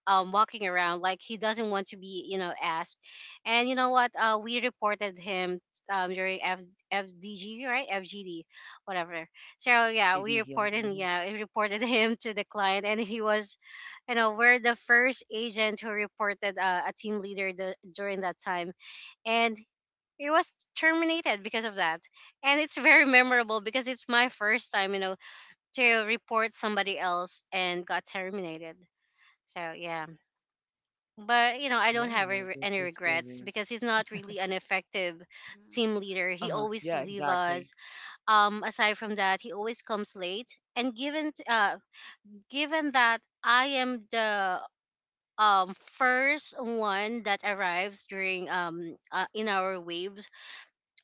um walking around, like he doesn't want to be you know asked. And you know what, uh we reported him um during F- fdg, right, fgd, whatever. So
Of
yeah, we
G D, yeah.
reported
Hmm.
yeah we reported [laughs] him to the client. And he was, you know, we're the first agent who reported uh, a team leader the, during that time. And he was terminated because of that. And it's [laughs] very memorable because it's my first time, you know to report somebody else and got terminated. So yeah, but you know, I don't
Yeah,
have re-
this
any
was so
regrets
real.
because he's not really an effective team
Mhm.
leader. He
Uh-huh.
always
Yeah,
leave us.
exactly.
Um, aside from that, he always comes late. And given t- uh, given that I am the um first one that arrives during um uh, in our waves,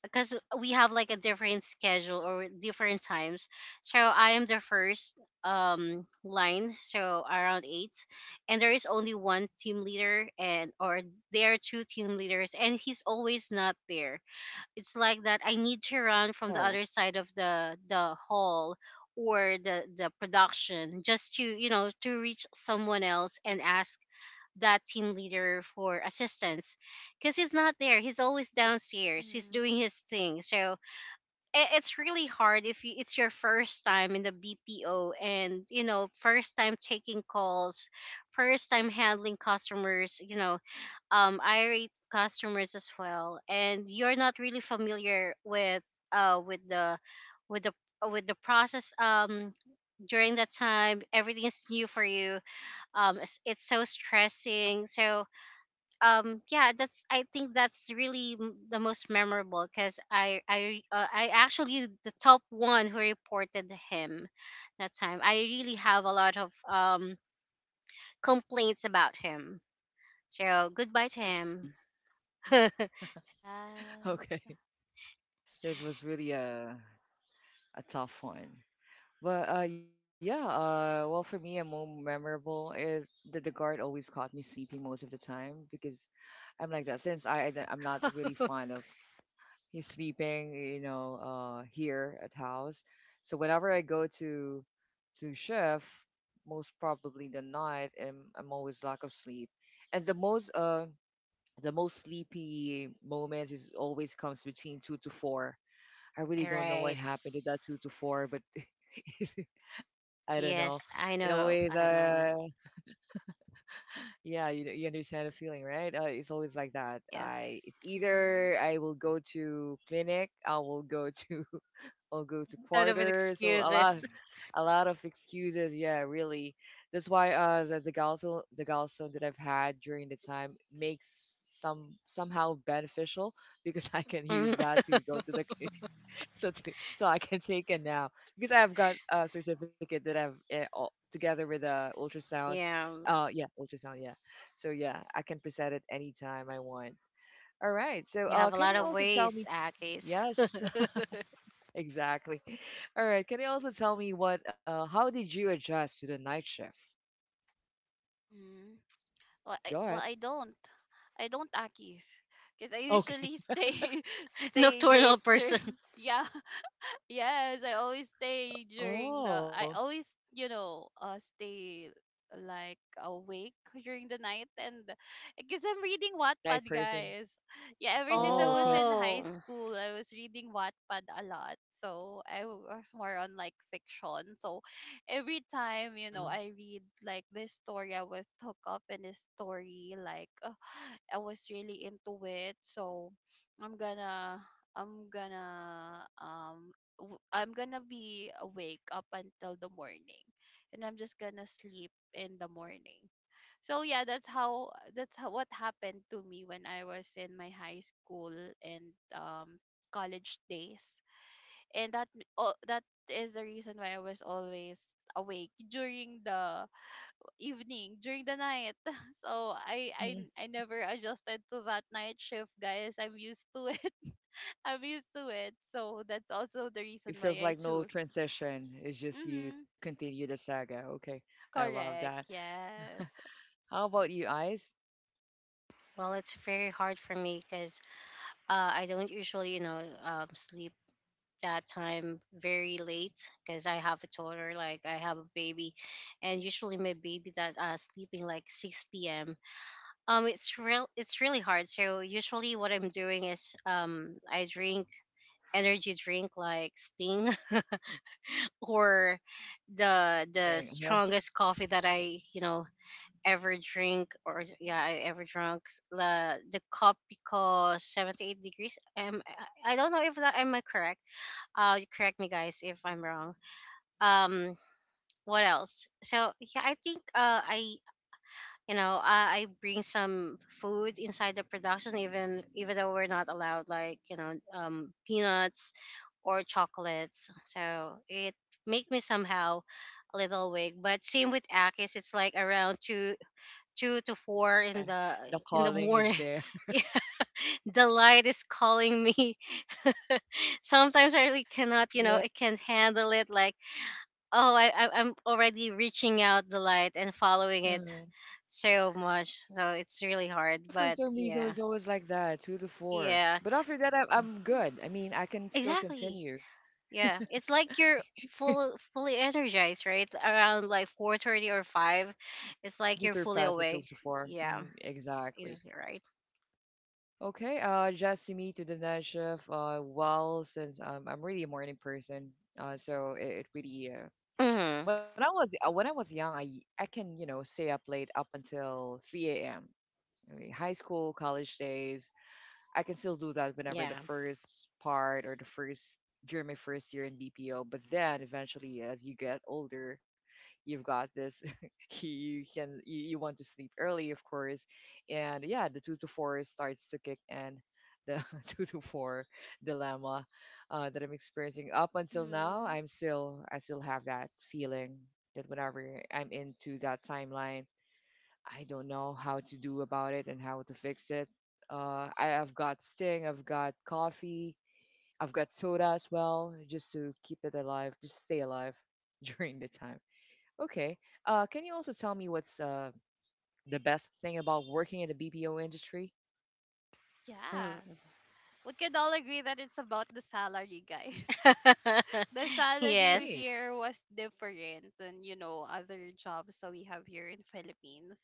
because we have like a different schedule or different times. So I am the first um line, so around eight, and there is only one team leader and, or there are two team leaders, and he's always not there. It's like that I need to run from the
Oh,
other side of the the hall or the the production just to, you know to reach someone else and ask that team leader for assistance, because he's not there. He's always downstairs, he's
Mhm.
doing his thing. So i- it's really hard if you, it's your first time in the B P O, and you know, first time taking calls, first time handling customers, you know, um, irate customers as well. And you're not really familiar with uh with the, with the with the process. Um during that time everything is new for you. Um it's, it's so stressing. So um yeah, that's, I think that's really m- the most memorable because i i uh, i actually the top one who reported him. That time I really have a lot of um complaints about him. So goodbye to
hmm,
him. [laughs]
okay.
Yes.
[laughs] This was really a a tough one. But uh, yeah, uh, well, for me, a more memorable is that the guard always caught me sleeping most of the time because I'm like that. Since I, I am not really fond of he's sleeping, you know, uh, here at house. So whenever I go to to shift, most probably the night, I'm I'm always lack of sleep. And the most uh the most sleepy moments is always comes between two to four. I really don't know
Right.
what happened to that two to four, but [laughs] I don't know.
Yes, I
It
know.
always
I know.
uh yeah, you you understand the feeling, right? Uh, it's always like that.
Yeah.
I it's
Mhm.
either I will go to clinic, I will go [laughs] to I'll go to
Sort of
quarters. So a lot,
excuses. [laughs]
a lot of excuses. Yeah, really. That's why uh the, the gallstone the gallstone that I've had during the time makes some somehow beneficial [laughs] because I can use
Mm,
that to go to the clinic. [laughs] So to, so I can take it now because I've got a certificate that I've uh, all, together with a ultrasound.
yeah.
Uh yeah, ultrasound. Yeah. So yeah, I can present it anytime I want. All right. So
You have
uh,
a
can
lot
you
of
also tell
ways,
me?
Akis.
Yes.
[laughs]
Exactly. [laughs] All right. Can you also tell me what, uh, how did you adjust to the night shift?
Mhm. Well, I
Go ahead.
well I don't. I don't, akis. Cause I
Okay.
usually
[laughs]
stay [laughs] stay
Nocturnal
later.
person.
[laughs] Yeah. Yes, I always stay during the
Oh,
I always, you know, uh stay like awake during the night. And because I'm reading
you're a night
Wattpad,
person.
guys. [laughs] Yeah, ever since
Oh,
I
okay.
was in high
Oh,
school, I was reading Wattpad a lot. So I was more on like fiction. So every
Hmm.
time, you know, I read like this story, I was hooked up in this story, like uh, I was really into it. So I'm gonna I'm gonna um w- I'm gonna be awake up until the morning, and I'm just gonna sleep in the morning. So yeah, that's how that's how, what happened to me when I was in my high school and um college days. And that m- oh, that is the reason why I was always awake during the evening, during the night. [laughs] So I I
Hmm.
I never adjusted to that night shift, guys. I'm used to it. [laughs] I'm used to it. So that's also the
It
reason
feels
why
like
I
no
choose.
transition. It's just you
Mm-hmm.
continue the saga. Okay. I love that.
Correct.
[laughs]
Yes.
How about you, Eyes?
well, it's very hard for me because uh, I don't usually, you know, um, sleep that time very late because I have a toddler, like I have a baby, and usually my baby that uh, sleeping like six p m. Um, it's real, it's really hard. So usually what I'm doing is um, I drink energy drink like Sting [laughs] or the the
Saying, huh?
strongest coffee that I, you know, ever drink, or yeah, I ever drunk the the cup because seventy-eight degrees. Um I I don't know if that, am I correct? Uh correct me guys if I'm wrong. Um what else? So yeah, I think uh I you know, I, I bring some food inside the production, even even though we're not allowed, like, you know, um, peanuts or chocolates. So it make me somehow a little weak. But same with akis, it's like around two two to four
Yeah,
in the
the
in the
calling is
morning. [laughs]
there.
Yeah, the light is calling me. [laughs] Sometimes I really
[laughs]
cannot, you know
Yeah.
I can't handle it. Like, oh, I, I I'm already reaching out the light and following it
Uh,
so much. So it's really
I
hard,
don't know, for
but
some reason
yeah.
it's always like that, two to four.
Yeah.
But after that, I, I'm good. I mean, I can still
Exactly.
continue.
Yeah. It's like you're full fully energized, right? Around like four thirty or five, it's
Once
like
you
you're fully
surpass the top
awake.
so far.
Yeah.
Mhm, exactly.
Is right?
Okay, uh, just to the night shift. Uh, well, since um, I'm really a morning person, uh, so it, it really uh,
Mhm.
when I was uh, when I was young, I I can you know stay up late up until three a m mean, high school, college days, I can still do that whenever the
Yeah.
first part or the first during my first year in B P O. But then eventually, as you get older, you've got this. [laughs] You can you, you want to sleep early, of course, and yeah, the two to four starts to kick in. The [laughs] two to four dilemma uh, that I'm experiencing up until now,
Mm-hmm.
I'm still I still have that feeling that whenever I'm into that timeline I don't know how to do about it and how to fix it. Uh, I, I've got Sting, I've got coffee, I've got soda as well, just to keep it alive, just stay alive [laughs] during the time. Okay. Uh, can you also tell me what's uh, the best thing about working in the B P O industry?
Yes.
Mm.
We could all agree that it's about the salary, guys. [laughs] The
[laughs]
salary
Agree.
Yes.
here was different than, you know, other jobs that we have here in Philippines.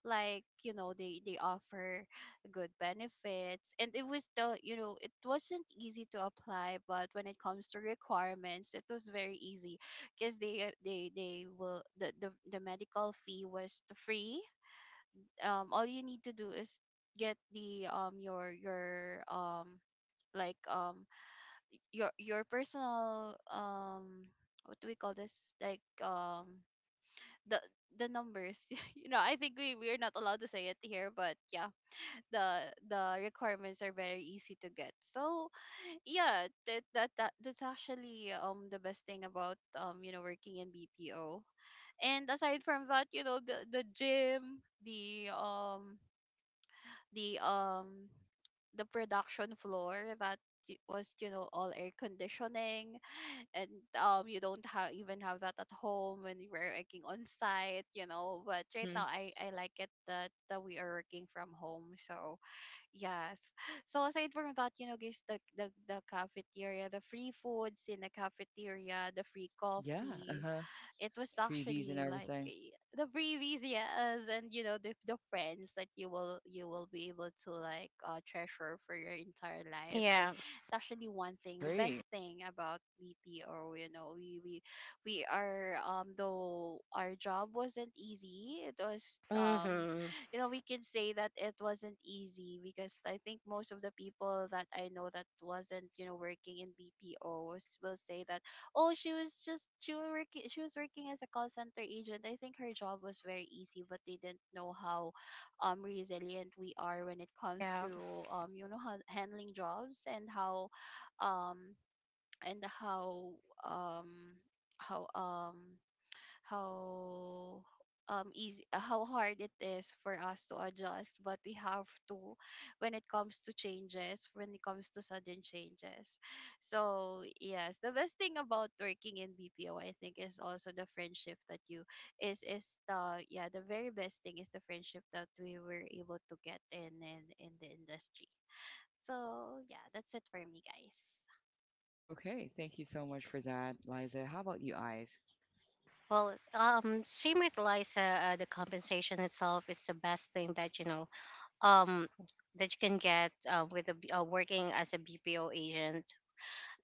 Like, you know, they they offer good benefits, and it was the, you know, it wasn't easy to apply, but when it comes to requirements, it was very easy because they uh, they they will the, the the medical fee was free. Um all you need to do is get the um your your um like um your your personal, um what do we call this, like um the the numbers, [laughs] you know. I think we we're not allowed to say it here, but yeah, the the requirements are very easy to get. So yeah, that that, that that's actually um the best thing about, um you know, working in bpo. And aside from that, you know, the the gym, the um the um the production floor that y- was, you know, all air conditioning. And um you don't have even have that at home when you were working on site, you know. But right
Mm-hmm.
now i I like it that that we are working from home. So yes. So aside from that, you know, guys, the the, the cafeteria, the free foods in the cafeteria, the free
Yeah. Uh
coffee,
huh.
it was
Freebies and
actually like,
everything.
eh, the previous years. And you know, the, the friends that you will you will be able to like, uh, treasure for your entire life. So
Yeah.
it's actually one thing, the best
Agree.
thing about bp, or you know, we we we are, um though our job wasn't easy, it was, um
Mhm.
you know, we can say that it wasn't easy because I think most of the people that I know that wasn't, you know, working in bpo will say that, Oh, she was just, she was working she was working as a call center agent. I think her job was very easy, but they didn't know how um resilient we are when it comes
Yeah.
to, um you know, how handling jobs, and how, um and how um how um how um easy, uh, how hard it is for us to adjust, but we have to, when it comes to changes, when it comes to sudden changes. So yes, the best thing about working in B P O, I think, is also the friendship that you is is the yeah, the very best thing is the friendship that we were able to get in in, in the industry. So yeah, that's it for me, guys.
Okay. Thank you so much for that, Liza. How about you, Eyes?
Well, um same with Liza, uh, the compensation itself is the best thing that, you know, um that you can get uh, with a, B- uh, working as a B P O agent.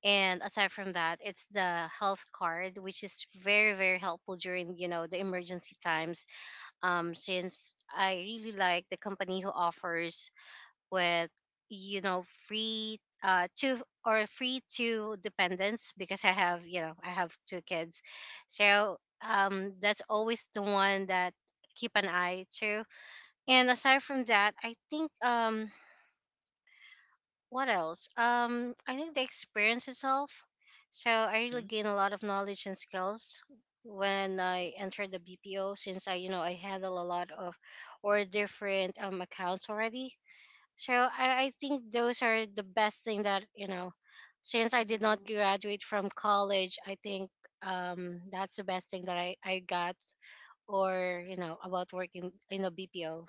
And aside from that, it's the health card, which is very, very helpful during, you know, the emergency times. Um, since I really like the company who offers with, you know, free uh two, or free two dependents because I have, you know, I have two kids. So um that's always the one that keep an eye to. And aside from that, I think um what else? Um, I think the experience itself. So I really
Mm-hmm.
gain a lot of knowledge and skills when I entered the B P O since I, you know, I handle a lot of, or different, um, accounts already. So I, I think those are the best thing that, you know, since I did not
Mhm.
graduate from college, I think um, that's the best thing that I, I got, or, you know, about working in a B P O.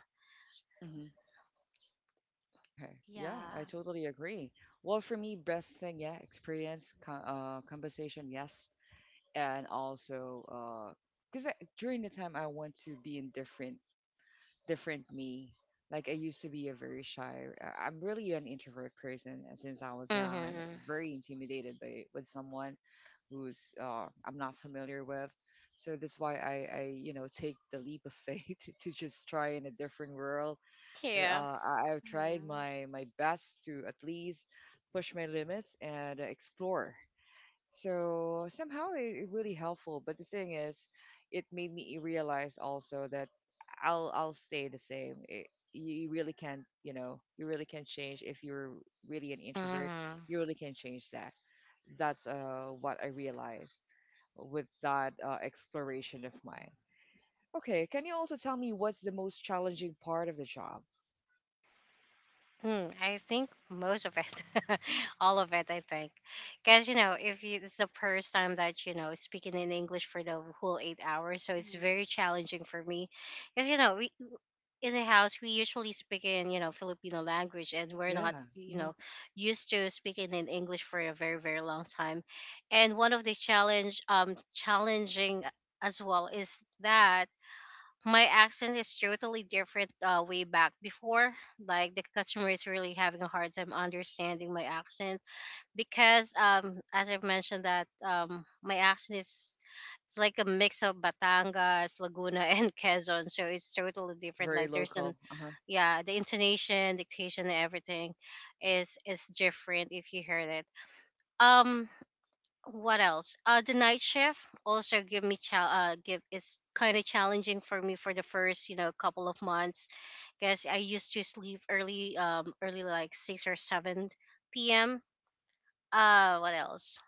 Okay. Yeah, I
Yeah.
totally agree. Well, for me, best thing, yeah, experience, co- uh, compensation, yes, and also, uh, because during the time I want to be in different, different me. Like I used to be a very shy. I- I'm really an introvert person and since I was young. I'm
Mm-hmm.
very intimidated by with someone who's uh, I'm not familiar with. So that's why I, I, you know, take the leap of faith [laughs] to, to just try in a different world.
Yeah.
Uh, I, I've tried
Mhm.
my my best to at least push my limits and uh, explore. So somehow it, it really helpful. But the thing is, it made me realize also that I'll I'll stay the same. It, you you really can't, you know, you really can't change if you're really an introvert.
Hmm.
You really can't change that. That's uh, what I realized with that uh, exploration of mine. Okay, can you also tell me what's the most challenging part of the job?
Hmm, I think most of it, [laughs] all of it. I think, because you know, if you, it's the first time that you know speaking in English for the whole eight hours, so it's
Mhm.
very challenging for me. Because you know, we, in the house we usually speak in, you know, Filipino language, and we're not,
Yeah.
you know, used to speaking in English for a very, very long time. And one of the challenge um challenging as well is that my accent is totally different, uh, way back before. Like the customer is really having a hard time understanding my accent because, um, as I've mentioned that, um, my accent is, it's like a mix of Batangas, Laguna, [laughs] and Quezon, so it's totally different.
Very
Like there's an
local. Uh-huh.
yeah, the intonation, dictation, and everything is is different if you heard it. Um, what else? Uh, the night shift also give me cha- uh give is kind of challenging for me for the first, you know, couple of months, because I used to sleep early um early, like six or seven p m. Uh, what else?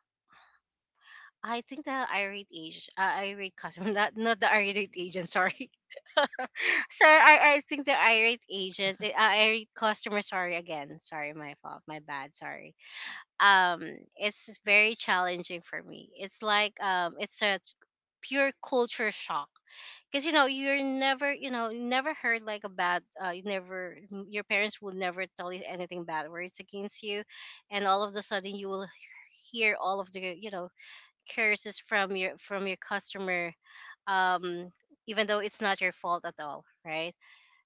I think the irate age, uh, irate customer, [laughs] not not the irate agent. Sorry, [laughs] sorry. I, I think the irate
Yeah.
agents, uh, irate customer. Sorry again. Sorry, my fault. My bad. Sorry. Um it's very challenging for me, it's like, um it's a pure culture shock. Because you know, you're never, you know, you never heard like a bad, uh, you never, your parents will never tell you anything bad words against you. And all of a sudden you will hear all of the, you know, curses from your from your customer. Um even though it's not your fault at all, right?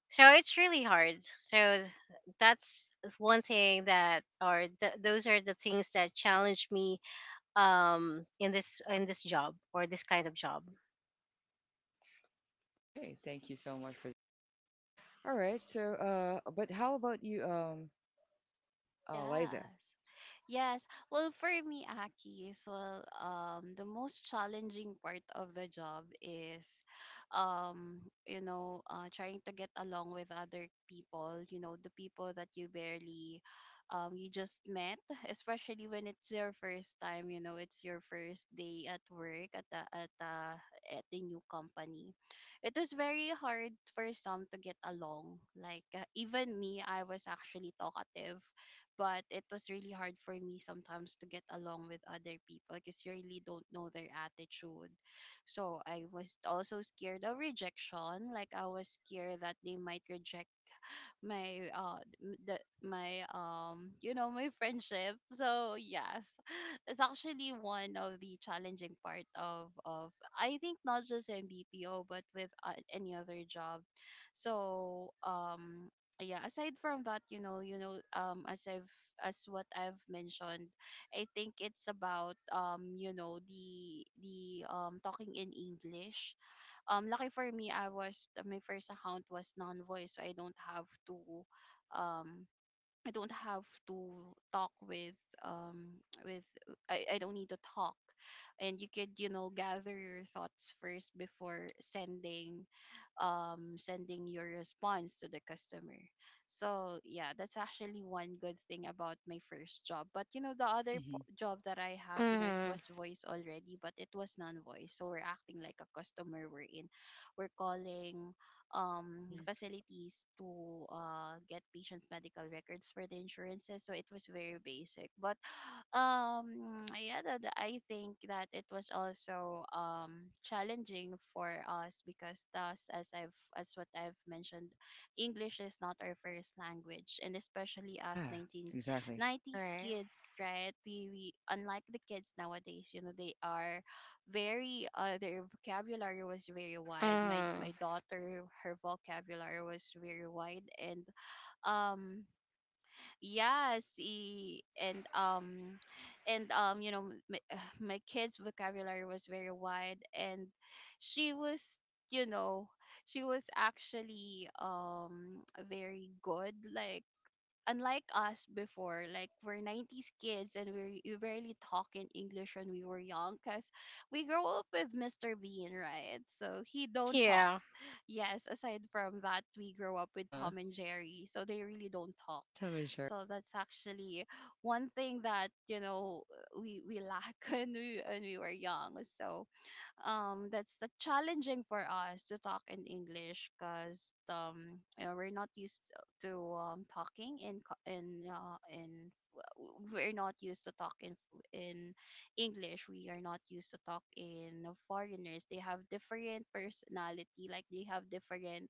So it's really hard. So that's one thing that, or th- those are the things that challenge me um in this in this job or this kind of job.
Okay, thank you so much for. All right, so uh but how about you um uh Liza?
Yes. Yes. Well, for me, Akis, well, um, the most challenging part of the job is, um, you know, uh, trying to get along with other people, you know, the people that you barely, um, you just met, especially when it's your first time, you know, it's your first day at work at the, at the, at the new company. It was very hard for some to get along. Like, uh, even me, I was actually talkative, but it was really hard for me sometimes to get along with other people because you really don't know their attitude. So I was also scared of rejection. Like I was scared that they might reject my uh the my, um you know, my friendship. So yes, [laughs] [sighs] it's actually one of the challenging part of, of I think, not just in bpo, but with, uh, any other job. So um yeah, aside from that, you know you know, um as I've as what I've mentioned, I think it's about, um you know, the the um talking in english. Um lucky for me, I was my first account was non voice, so I don't have to, um I don't have to talk with um with I, I don't need to talk, and you could, you know, gather your thoughts first before sending, um sending your response to the customer. So yeah, that's actually one good thing about my first job. But you know, the other po-
Hmm.
job that I have, you know, it
Mm-hmm.
was voice already, but it was non-voice. So we're acting like a customer we're in. We're calling, um,
Hmm.
facilities to, uh, get patients' medical records for the insurances. So it was very basic. But [sighs] um, yeah, that, I think that it was also, um, challenging for us because thus, as I've as what I've mentioned, English is not our first language, and especially us
Yeah, exactly.
nineteen nineties
Right.
kids, right? We, we unlike the kids nowadays, you know, they are very, uh their vocabulary was very wide. My my
Mm-hmm.
daughter, her vocabulary was very wide. And um yes e- and um and um you know, my, [sighs] my kids vocabulary was very wide, and she was, you know, she was actually, um very good. Like, unlike us before, like we're nineties kids, and we we barely talk in English when we were young, because we grow up with mister Bean, right? So he don't talk.
Yeah.
Yes, aside from that, we grow up with
Uh-huh.
Tom and Jerry, so they really don't talk.
That's how it share.
So that's actually one thing that, you know, we we lack [laughs] when we when we were young. So um that's the challenging for us to talk in English because, um you know, we're not used to, um talking in co- in uh, in w- we're not used to talk in f- in English. We are not used to talk in foreigners. They have different personality, like they have different,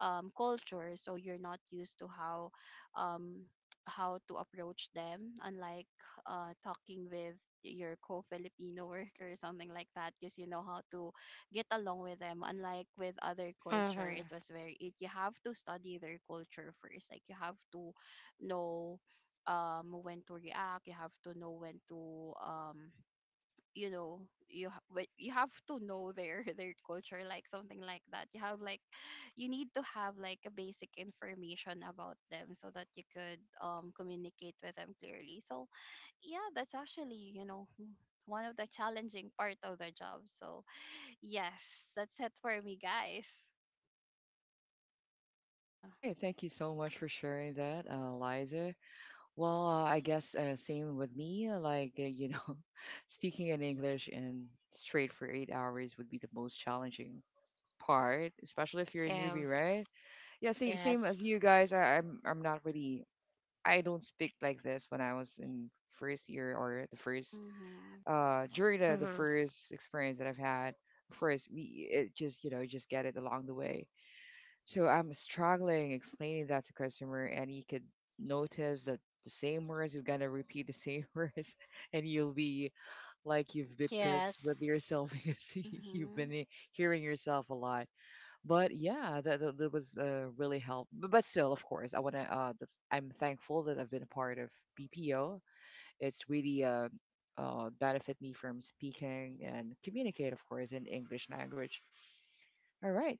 um, culture. So you're not used to how, um, how to approach them, unlike, uh, talking with your co-Filipino [laughs] worker or something like that, because you know how to get along with them, unlike with other culture.
Mm-hmm.
It was very it you have to study their culture first. Like you have to know, um when to react. You have to know when to, um you know, you ha- but you have to know their [laughs] their culture, like something like that. You have like, you need to have like a basic information about them so that you could, um communicate with them clearly. So yeah, that's actually, you know, w- one of the challenging part of the job. So yes, that's it for me, guys. Yeah.
Hey, thank you so much for sharing that, uh, Liza. Well, uh, I guess uh, same with me. uh, Like uh, you know, [laughs] speaking in English and straight for eight hours would be the most challenging part, especially if you're a
Yeah.
newbie, right? Yeah, same same
Yes.
as you guys. I, I'm I'm not really I don't speak like this when I was in first year or the first
Mhm.
uh during the, the
Mm-hmm.
first experience that I've had. Of course, we it just you know you just get it along the way. So I'm struggling explaining that to customer, and you could notice that the same words you're gonna repeat the same [laughs] words, and you'll be like you've been pissed
Yes.
with yourself [laughs] because you've
Mhm.
been hearing yourself a lot. But yeah, that, that, that was uh, really help. But, but still, of course, I want to. Uh, that's, I'm thankful that I've been a part of B P O. It's really uh, uh, benefit me from speaking and communicate, of course, in English language. All right.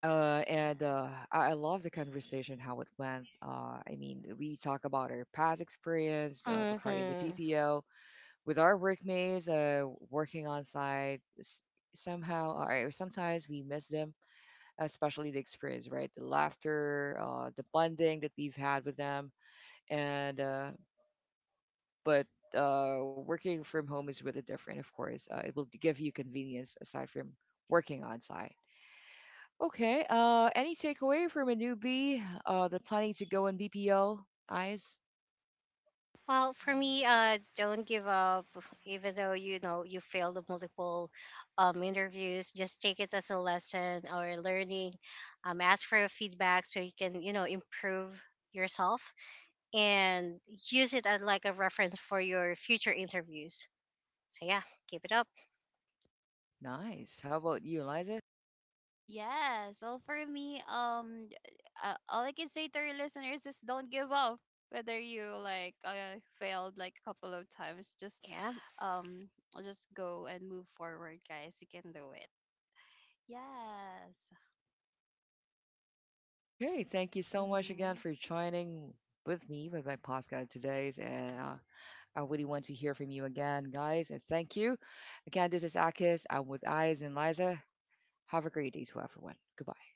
Uh, and
Yes.
uh, I, I love the conversation, how it went. Uh, I mean, we talk about our past experience uh, regarding the
Mm-hmm.
P P O with our workmates, uh, working on site. S- Somehow, or sometimes we miss them, especially the experience, right? The laughter, uh, the bonding that we've had with them, and uh, but uh, working from home is really different, of course. Uh, it will give you convenience aside from working on site. Okay. Uh, any takeaway from a newbie? Uh, the planning to go in B P O. Eyes.
Well,
Mhm.
for me, uh, don't give up, even though you know you failed the multiple um, interviews. Just take it as a lesson or learning. Um, ask for your feedback so you can, you know, improve yourself and use it as like a reference for your future interviews. So yeah, keep it up.
Nice. Nice. How about you, Eliza?
Yes. Well, for me, um, uh, all I can say to your listeners is don't give up. Whether you like, uh, failed like a couple of times, just,
Yeah.
um, just go and move forward, guys. You can do it. Yes.
Okay. Thank you so much again
Mm-hmm.
for joining with me with my podcast today, and uh, I really want to hear from you again, guys, and thank you. Again, this is Akis. I'm with Eyes and Liza. Have a great day to everyone. Goodbye.